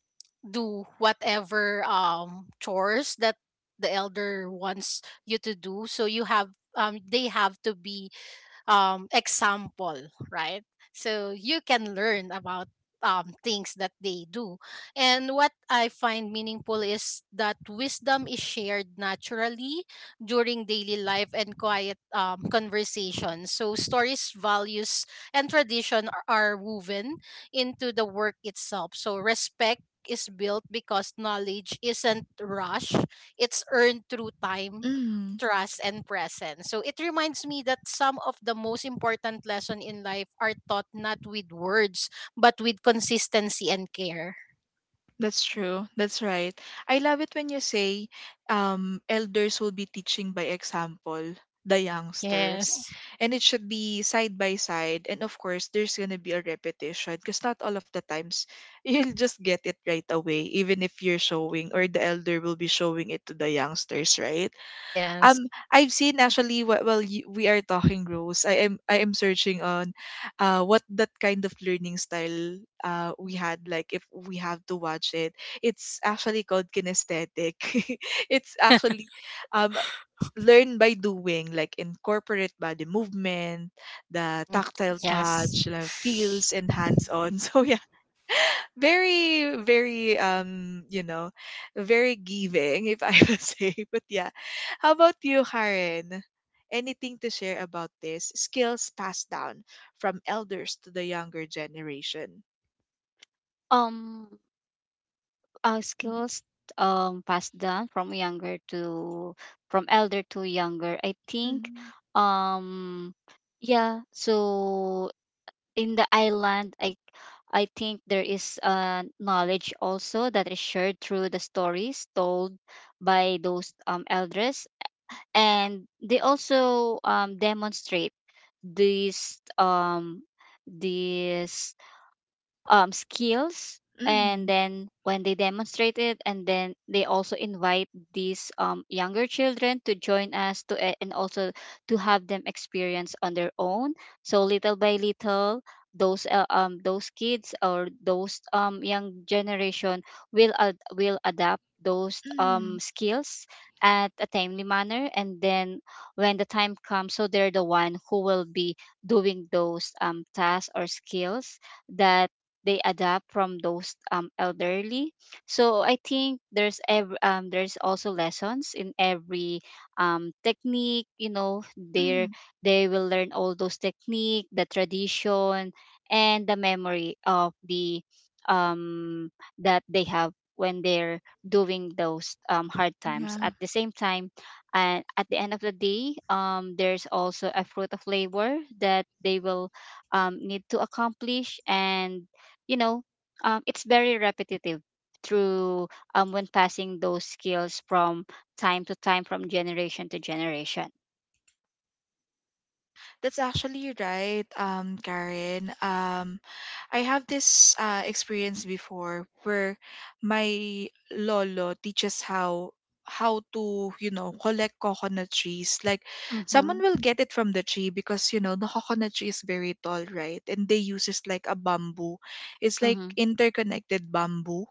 Speaker 2: do whatever chores that the elder wants you to do. So you have they have to be example, right? So you can learn about things that they do. And what I find meaningful is that wisdom is shared naturally during daily life and quiet conversations. So stories, values, and tradition are woven into the work itself. So respect is built because knowledge isn't rushed, it's earned through time,
Speaker 1: Mm-hmm.
Speaker 2: trust, and presence. So it reminds me that some of the most important lessons in life are taught not with words, but with consistency and care.
Speaker 1: That's true. That's right. I love it when you say elders will be teaching by example, the youngsters.
Speaker 2: Yes.
Speaker 1: And it should be side by side. And of course, there's going to be a repetition, because not all of the times you'll just get it right away, even if you're showing, or the elder will be showing it to the youngsters, right?
Speaker 2: Yes.
Speaker 1: I've seen actually, while we are talking, Rose, I am, searching on what that kind of learning style we had, like, if we have to watch it, it's actually called kinesthetic it's actually, um learn by doing, like incorporate body movement, the
Speaker 2: Mm,
Speaker 1: tactile
Speaker 2: yes.
Speaker 1: touch, feels and hands on so yeah, very, very, very giving, if I would say, but yeah, how about you, Karen? Anything to share about this skills passed down from elders to the younger generation?
Speaker 3: Um,
Speaker 1: Mm,
Speaker 3: skills passed down from younger to, from elder to younger, I think.
Speaker 1: mm,
Speaker 3: Um, yeah. So in the island, I think there is knowledge also that is shared through the stories told by those elders, and they also demonstrate these um, these skills. And
Speaker 1: mm,
Speaker 3: then when they demonstrate it, and then they also invite these younger children to join us to and also to have them experience on their own. So little by little those kids or those young generation will will adapt those
Speaker 1: mm.
Speaker 3: skills at a timely manner, and then when the time comes, so they're the one who will be doing those tasks or skills that they adapt from those elderly. So I think there's there's also lessons in every technique, you know,
Speaker 1: Mm.
Speaker 3: they will learn all those technique, the tradition, and the memory of the um, that they have when they're doing those hard times
Speaker 1: Yeah.
Speaker 3: at the same time. And at the end of the day, there's also a fruit of labor that they will need to accomplish. And you know, it's very repetitive through when passing those skills from time to time, from generation to generation.
Speaker 1: That's actually right, Karen. I have this experience before where my lolo teaches how to, collect coconut trees, like
Speaker 3: Mm-hmm.
Speaker 1: someone will get it from the tree, because you know the coconut tree is very tall, right? And they uses like a bamboo, it's like
Speaker 3: Mm-hmm.
Speaker 1: interconnected bamboo,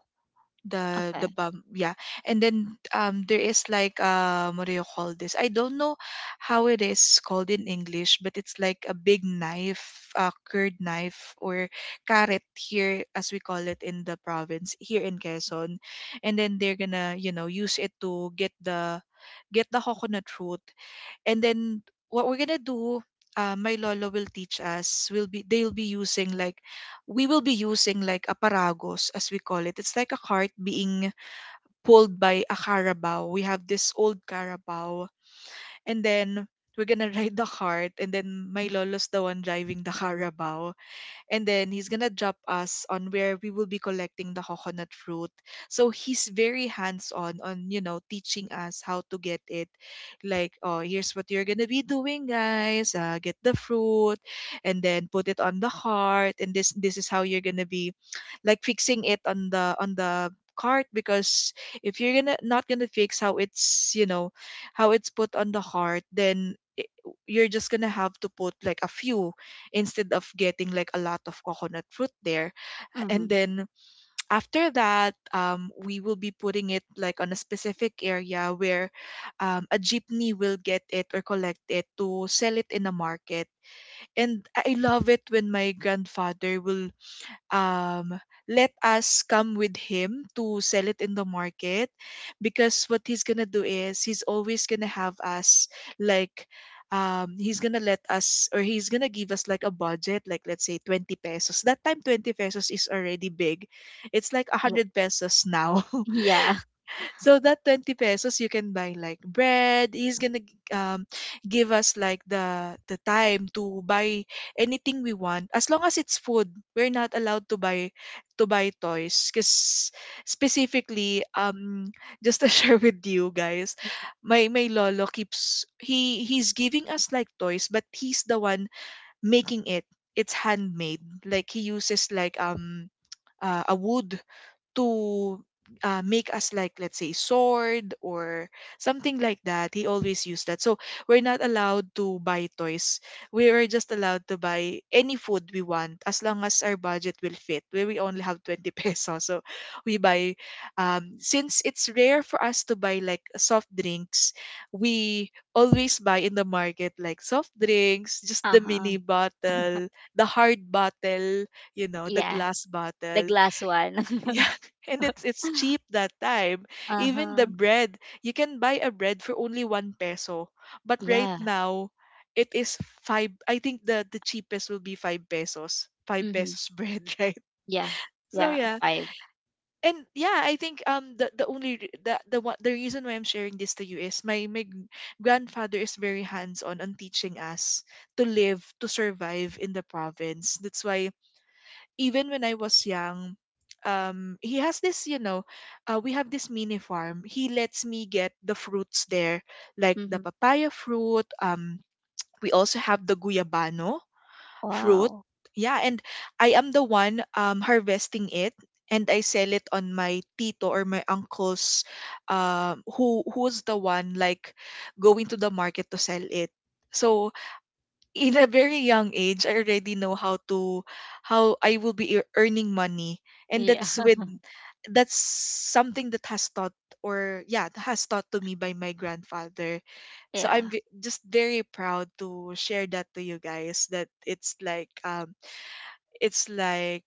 Speaker 1: the
Speaker 3: Okay.
Speaker 1: bum, yeah. And then there is like, what do you call this, I don't know how it is called in English, but it's like a big knife, a curd knife, or carrot here, as we call it in the province here in Quezon. And then they're gonna, use it to get the coconut root. And then what we're gonna do, my lolo will teach us, will be, they'll be using like we will be using like a paragos, as we call it. It's like a cart being pulled by a carabao. We have this old carabao, and then we're gonna ride the cart, and then my
Speaker 3: Mm-hmm.
Speaker 1: lolo's the one driving the carabao. And then he's gonna drop us on where we will be collecting the coconut fruit. So he's very hands on teaching us how to get it. Like, "Oh, here's what you're gonna be doing, guys. Get the fruit and then put it on the cart. And this is how you're gonna be like fixing it on the cart, because if you're gonna, not gonna fix how it's, how it's put on the cart, then you're just gonna have to put like a few instead of getting like a lot of coconut fruit there."
Speaker 3: Mm-hmm.
Speaker 1: And then after that, we will be putting it like on a specific area where, a jeepney will get it or collect it to sell it in a market. And I love it when my grandfather will um, let us come with him to sell it in the market because what he's gonna do is he's always gonna have us like he's gonna let us or he's gonna give us like a budget, like let's say 20 pesos. That time 20 pesos is already big. It's like
Speaker 3: Yeah.
Speaker 1: 100 pesos now.
Speaker 3: Yeah.
Speaker 1: So that 20 pesos you can buy like bread. He's gonna give us like the time to buy anything we want as long as it's food. We're not allowed to buy toys because specifically, just to share with you guys, my lolo keeps he's giving us like toys, but he's the one making it. It's handmade. Like he uses like a wood to make us, like, let's say sword or something like that. He always used that. So we're not allowed to buy toys. We were just allowed to buy any food we want as long as our budget will fit, where we only have 20 pesos. So we buy, since it's rare for us to buy like soft drinks, we always buy in the market like soft drinks, just the mini
Speaker 3: Uh-huh.
Speaker 1: bottle, the hard bottle, you know, the
Speaker 3: Yeah.
Speaker 1: glass
Speaker 3: The
Speaker 1: bottle,
Speaker 3: glass one.
Speaker 1: yeah. And it's cheap that time. Even the
Speaker 3: Uh-huh.
Speaker 1: bread, you can buy a bread for only one peso. But right
Speaker 3: Yeah.
Speaker 1: now, it is five. I think the cheapest will be five pesos. Five
Speaker 3: Mm-hmm.
Speaker 1: pesos bread, right?
Speaker 3: Yeah.
Speaker 1: So
Speaker 3: Yeah.
Speaker 1: yeah,
Speaker 3: Five.
Speaker 1: and yeah, I think the only re- the one the reason why I'm sharing this to you is my grandfather is very hands on teaching us to live, to survive in the province. That's why even when I was young, he has this, you know, we have this mini farm. He lets me get the fruits there, like the
Speaker 3: Mm-hmm.
Speaker 1: papaya fruit. We also have the guyabano fruit.
Speaker 3: Wow.
Speaker 1: Yeah, and I am the one harvesting it, and I sell it on my tito or my uncle's, who's the one like going to the market to sell it. So in a very young age I already know how to how I will be earning money, and
Speaker 3: Yeah.
Speaker 1: that's with that's something that has taught, or yeah, that has taught to me by my grandfather. So
Speaker 3: Yeah.
Speaker 1: I'm just very proud to share that to you guys that it's like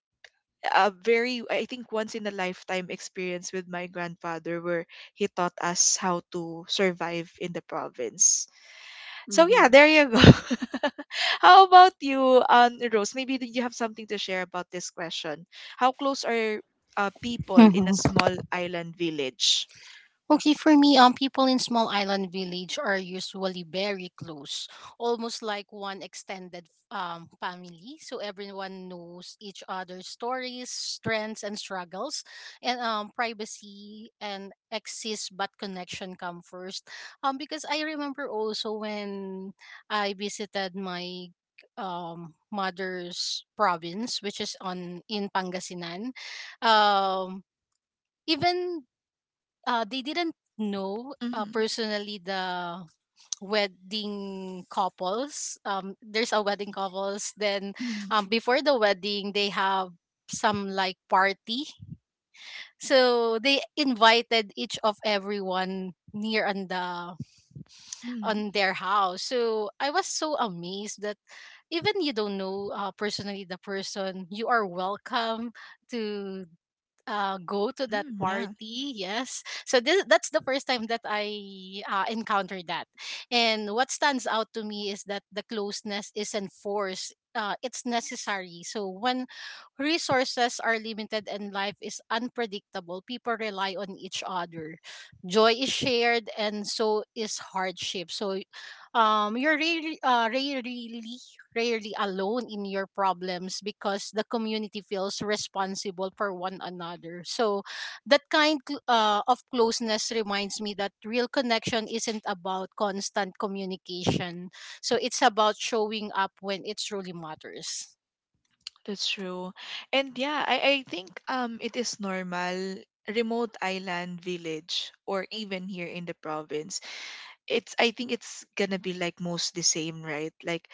Speaker 1: a very, I think, once in a lifetime experience with my grandfather where he taught us how to survive in the province. So yeah,
Speaker 3: Mm-hmm.
Speaker 1: there you go. How about you, Rose? Maybe did you have something to share about this question? How close are people in a small island village?
Speaker 2: Okay, for me, people in small island village are usually very close, almost like one extended family. So everyone knows each other's stories, strengths, and struggles, and privacy and exist, but connection come first. Because I remember also when I visited my mother's province, which is on in Pangasinan, um even they didn't know
Speaker 1: Mm-hmm.
Speaker 2: personally the wedding couples. There's a wedding couples. Then
Speaker 1: Mm-hmm.
Speaker 2: before the wedding, they have some like party. So they invited each of everyone near on the
Speaker 1: Mm-hmm.
Speaker 2: on their house. So I was so amazed that even you don't know personally the person, you are welcome to go to that
Speaker 1: Yeah,
Speaker 2: party. Yes. So this that's the first time that I encountered that. And what stands out to me is that the closeness isn't forced. It's necessary. So when resources are limited and life is unpredictable, people rely on each other. Joy is shared, and so is hardship. So, you're really, rarely alone in your problems, because the community feels responsible for one another. So that kind of closeness reminds me that real connection isn't about constant communication. So it's about showing up when it truly matters.
Speaker 1: that's true. And yeah, I think it is normal, remote island village or even here in the province. It's, I think it's gonna be like most the same, right? Like,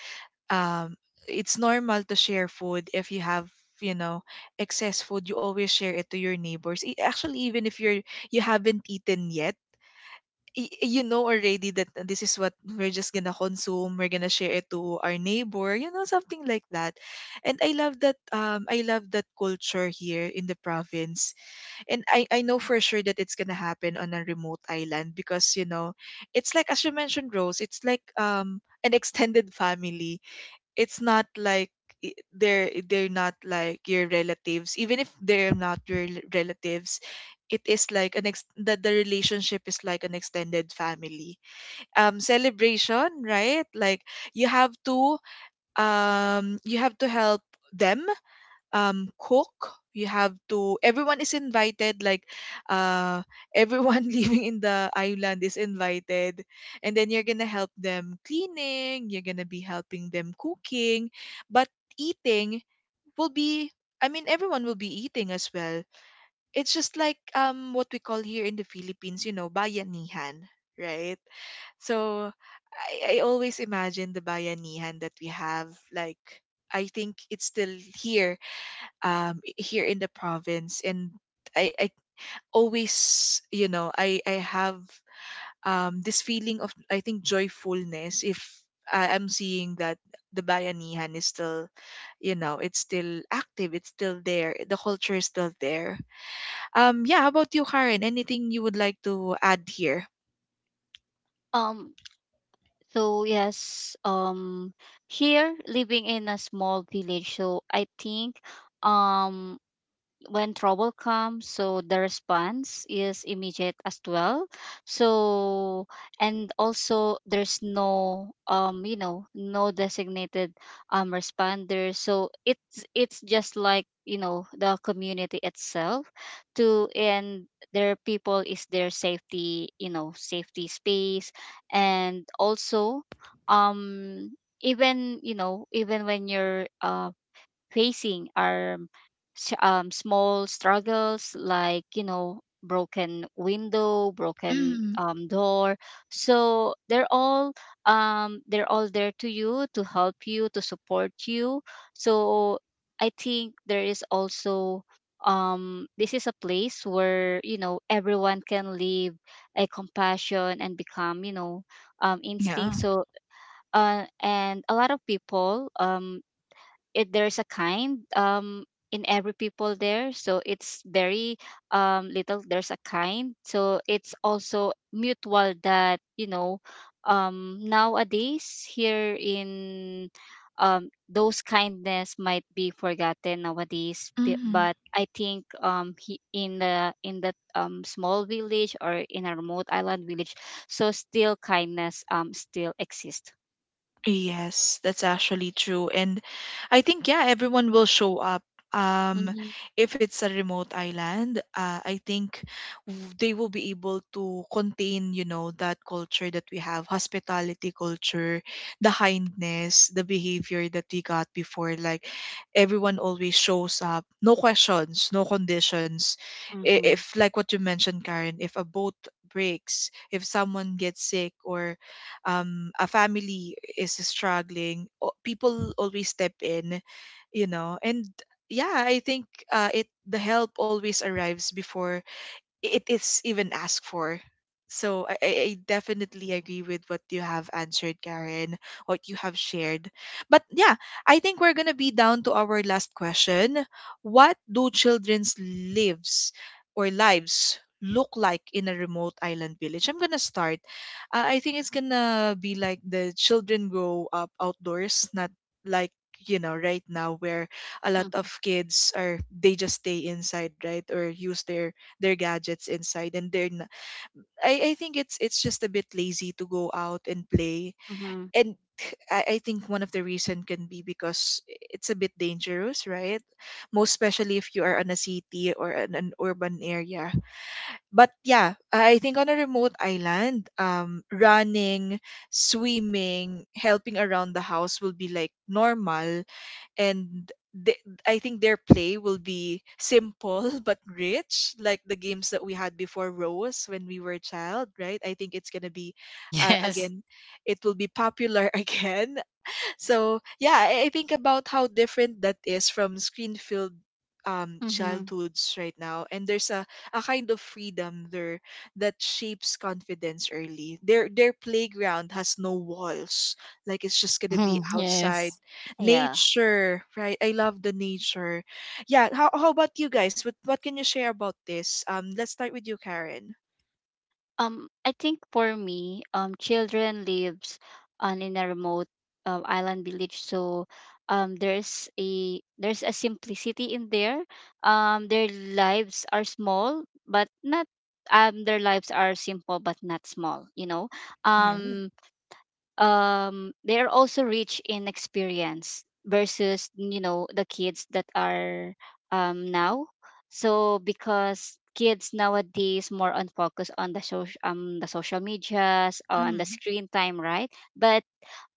Speaker 1: um it's normal to share food if you have, you know, excess food. You always share it to your neighbors. Actually, even if you're, you haven't eaten yet, you know already that this is what we're just gonna consume, we're gonna share it to our neighbor, you know, something like that. And I love that, I love that culture here in the province. And I know for sure that it's gonna happen on a remote island because, you know, it's like, as you mentioned Rose, it's like an extended family. It's not like they're not like your relatives. Even if they're not your relatives, it is like an ex- that the relationship is like an extended family, celebration, right? Like, you have to, you have to help them, cook. You have to, everyone is invited, like, uh everyone living in the island is invited. And then you're gonna help them cleaning, you're gonna be helping them cooking, but eating will be, I mean, everyone will be eating as well. It's just like, what we call here in the Philippines, you know, bayanihan, right? So I always imagine the bayanihan that we have, like, I think it's still here, here in the province. And I always, you know, I have this feeling of, I think, joyfulness if I'm seeing that the Bayanihan is still, you know, it's still active, it's still there, the culture is still there. Yeah, how about you, Karen? Anything you would like to add here?
Speaker 3: Um. So yes, here living in a small village, so I think um when trouble comes, so the response is immediate as well. So, and also there's no you know, no designated responder, so it's just like, you know, the community itself, to and their people is their safety, you know, safety space. And also, um even, you know, even when you're facing are small struggles, like, you know, broken window, broken
Speaker 1: Mm,
Speaker 3: door, so they're all there to you, to help you, to support you. So I think there is also, this is a place where, you know, everyone can live a compassion and become, you know,
Speaker 1: yeah.
Speaker 3: instinct. So and a lot of people, it there's a kind in every people there, so it's very little there's a kind, so it's also mutual that, you know, nowadays here in those kindness might be forgotten nowadays, but I think, he, in the in that small village or in a remote island village, so still kindness still exists.
Speaker 1: Yes, that's actually true. And I think, yeah, everyone will show up. Um,
Speaker 3: Mm-hmm.
Speaker 1: if it's a remote island, I think they will be able to contain, you know, that culture that we have, hospitality culture, the kindness, the behavior that we got before. Like, everyone always shows up, no questions, no conditions.
Speaker 3: Mm-hmm.
Speaker 1: If, like what you mentioned, Karen, if a boat breaks, if someone gets sick, or a family is struggling, people always step in, you know. And yeah, I think it the help always arrives before it is even asked for. So I definitely agree with what you have answered, Karen, what you have shared. But yeah, I think we're gonna be down to our last question. What do children's lives or lives look like in a remote island village? I'm gonna start. I think it's gonna be like the children grow up outdoors, not like, you know, right now where a lot of kids are, they just stay inside, right, or use their gadgets inside, and they're not, I think it's just a bit lazy to go out and play.
Speaker 3: Mm-hmm.
Speaker 1: And I think one of the reason can be because it's a bit dangerous, right, most especially if you are in a city or in an urban area. But yeah, I think on a remote island, running, swimming, helping around the house will be like normal. And they, I think their play will be simple but rich, like the games that we had before, Rose, when we were a child, right? I think it's gonna be,
Speaker 2: Yes.
Speaker 1: again, it will be popular again. So yeah, I think about how different that is from screen-filled
Speaker 3: Mm-hmm.
Speaker 1: childhoods right now. And there's a kind of freedom there that shapes confidence early. Their playground has no walls. Like, it's just gonna be
Speaker 2: Mm-hmm.
Speaker 1: outside.
Speaker 2: Yes.
Speaker 3: Yeah.
Speaker 1: Nature, right? I love the nature. Yeah, how about you guys? What can you share about this? Let's start with you, Karen.
Speaker 3: I think for me, children lives on in a remote island village, so there's a simplicity in there. Their lives are small, but not their lives are simple but not small. You know,
Speaker 1: Yeah.
Speaker 3: um, they are also rich in experience versus, you know, the kids that are now. So because kids nowadays more on focus on the social medias, on the
Speaker 1: Mm,
Speaker 3: screen time, right? But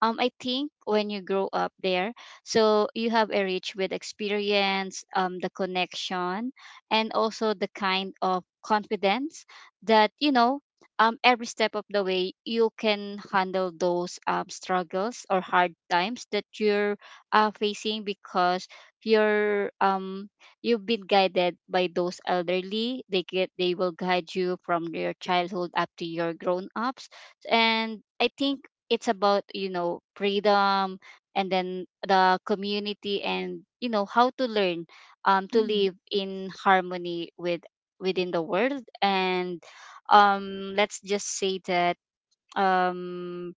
Speaker 3: I think when you grow up there, so you have a rich with experience, the connection, and also the kind of confidence that, you know, every step of the way you can handle those struggles or hard times that you're facing. Because you're you've been guided by those elderly, they get they will guide you from your childhood up to your grown ups. And I think it's about, you know, freedom, and then the community, and you know how to learn to
Speaker 1: mm.
Speaker 3: live in harmony with within the world. And let's just say that um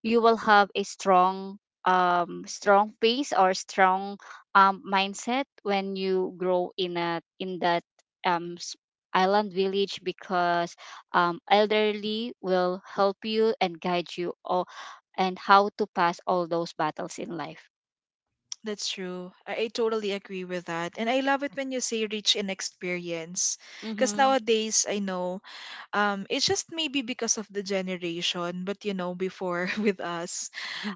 Speaker 3: you will have a strong strong pace or strong mindset when you grow in a in that um s- island village, because elderly will help you and guide you all, and how to pass all those battles in life.
Speaker 1: That's true. I totally agree with that. And I love it when you say rich in experience. Because
Speaker 3: Mm-hmm.
Speaker 1: nowadays, I know, it's just maybe because of the generation, but you know, before with us,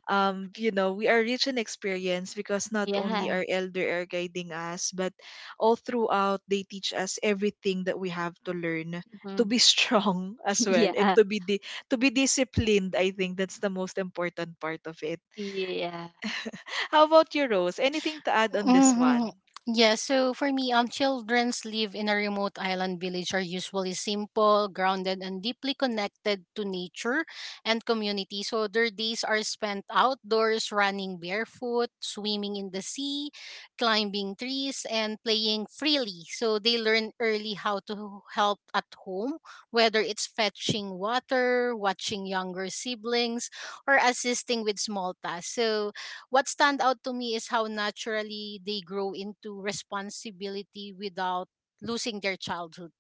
Speaker 1: you know, we are rich in experience because not only
Speaker 3: Yeah.
Speaker 1: our elder are guiding us, but all throughout, they teach us everything that we have to learn to
Speaker 3: Mm-hmm.
Speaker 1: be strong as well, and
Speaker 3: Yeah.
Speaker 1: to be to be disciplined. I think that's the most important part of it.
Speaker 3: Yeah.
Speaker 1: How about you, Rose? Anything to add on this one?
Speaker 2: Mm-hmm. Yeah, so for me, children's live in a remote island village are usually simple, grounded, and deeply connected to nature and community. So their days are spent outdoors, running barefoot, swimming in the sea, climbing trees, and playing freely. So they learn early how to help at home, whether it's fetching water, watching younger siblings, or assisting with small tasks. So what stand out to me is how naturally they grow into responsibility without losing their childhood.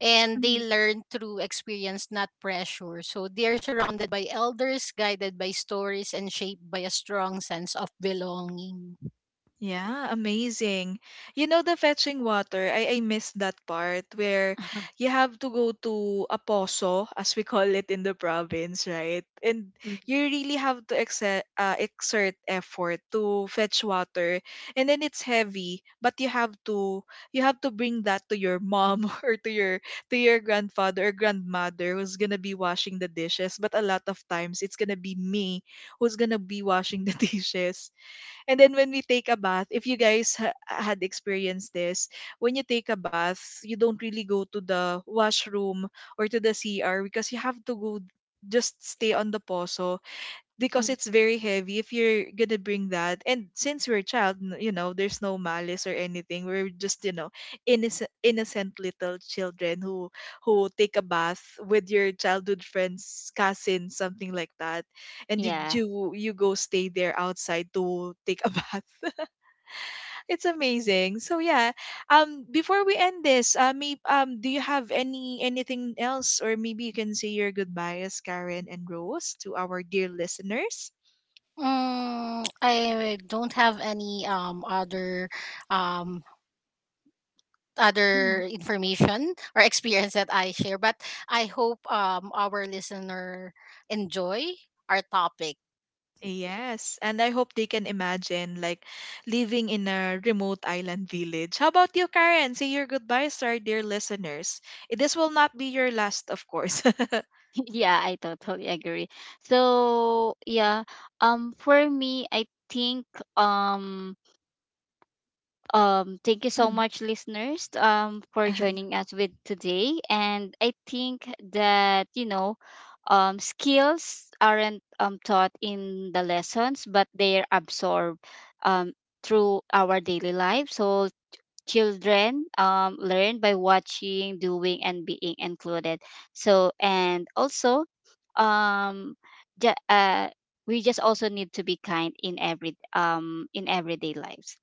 Speaker 2: And they
Speaker 1: Mm.
Speaker 2: learn through experience, not pressure. So they are surrounded by elders, guided by stories, and shaped by a strong sense of belonging.
Speaker 1: Yeah, amazing. You know the fetching water, I miss that part where you have to go to a poso, as we call it in the province, right? And
Speaker 3: Mhm.
Speaker 1: you really have to exert, exert effort to fetch water. And then it's heavy, but you have to, you have to bring that to your mom or to your grandfather or grandmother who's gonna be washing the dishes. But a lot of times it's gonna be me who's gonna be washing the dishes. And then when we take a bath, if you guys had experienced this, when you take a bath, you don't really go to the washroom or to the CR because you have to go just stay on the poso, because
Speaker 3: Mm.
Speaker 1: it's very heavy if you're gonna bring that. And since we're a child, you know, there's no malice or anything, we're just, you know, innocent little children who take a bath with your childhood friends, cousins, something like that. And
Speaker 3: Yeah.
Speaker 1: you go stay there outside to take a bath. It's amazing. So yeah, before we end this, do you have any anything else, or maybe you can say your goodbyes, Karen and Rose, to our dear listeners.
Speaker 2: I don't have any other um information or experience that I share, but I hope our listener enjoy our topic.
Speaker 1: Yes, and I hope they can imagine like living in a remote island village. How about you, Karen? Say your goodbyes to our dear listeners. This will not be your last, of course.
Speaker 3: Yeah, I totally agree. So yeah, for me, I think um thank you so
Speaker 1: Mm.
Speaker 3: much, listeners, for joining us with today. And I think that, you know, skills aren't taught in the lessons, but they're absorbed um through our daily life. So children learn by watching, doing, and being included. So, and also, um, ju- uh, we just also need to be kind in every in everyday lives.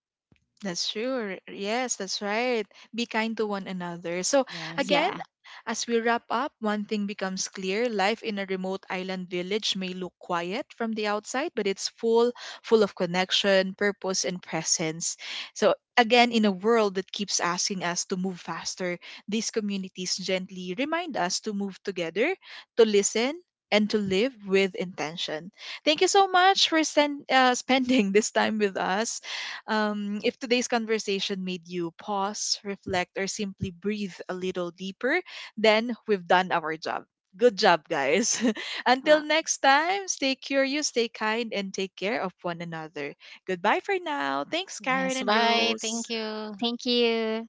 Speaker 1: That's true. Yes, that's right. Be kind to one another. So,
Speaker 2: Yes.
Speaker 1: again,
Speaker 3: Yeah.
Speaker 1: as we wrap up, one thing becomes clear. Life in a remote island village may look quiet from the outside, but it's full, full of connection, purpose, and presence. So, again, in a world that keeps asking us to move faster, these communities gently remind us to move together, to listen, and to live with intention. Thank you so much for spending this time with us. If today's conversation made you pause, reflect, or simply breathe a little deeper, then we've done our job. Good job, guys. Until
Speaker 3: Uh,
Speaker 1: next time, stay curious, stay kind, and take care of one another. Goodbye for now. Thanks, Karen
Speaker 2: Yes,
Speaker 1: and
Speaker 2: bye. Thank
Speaker 1: Rose.
Speaker 2: you.
Speaker 3: Thank you.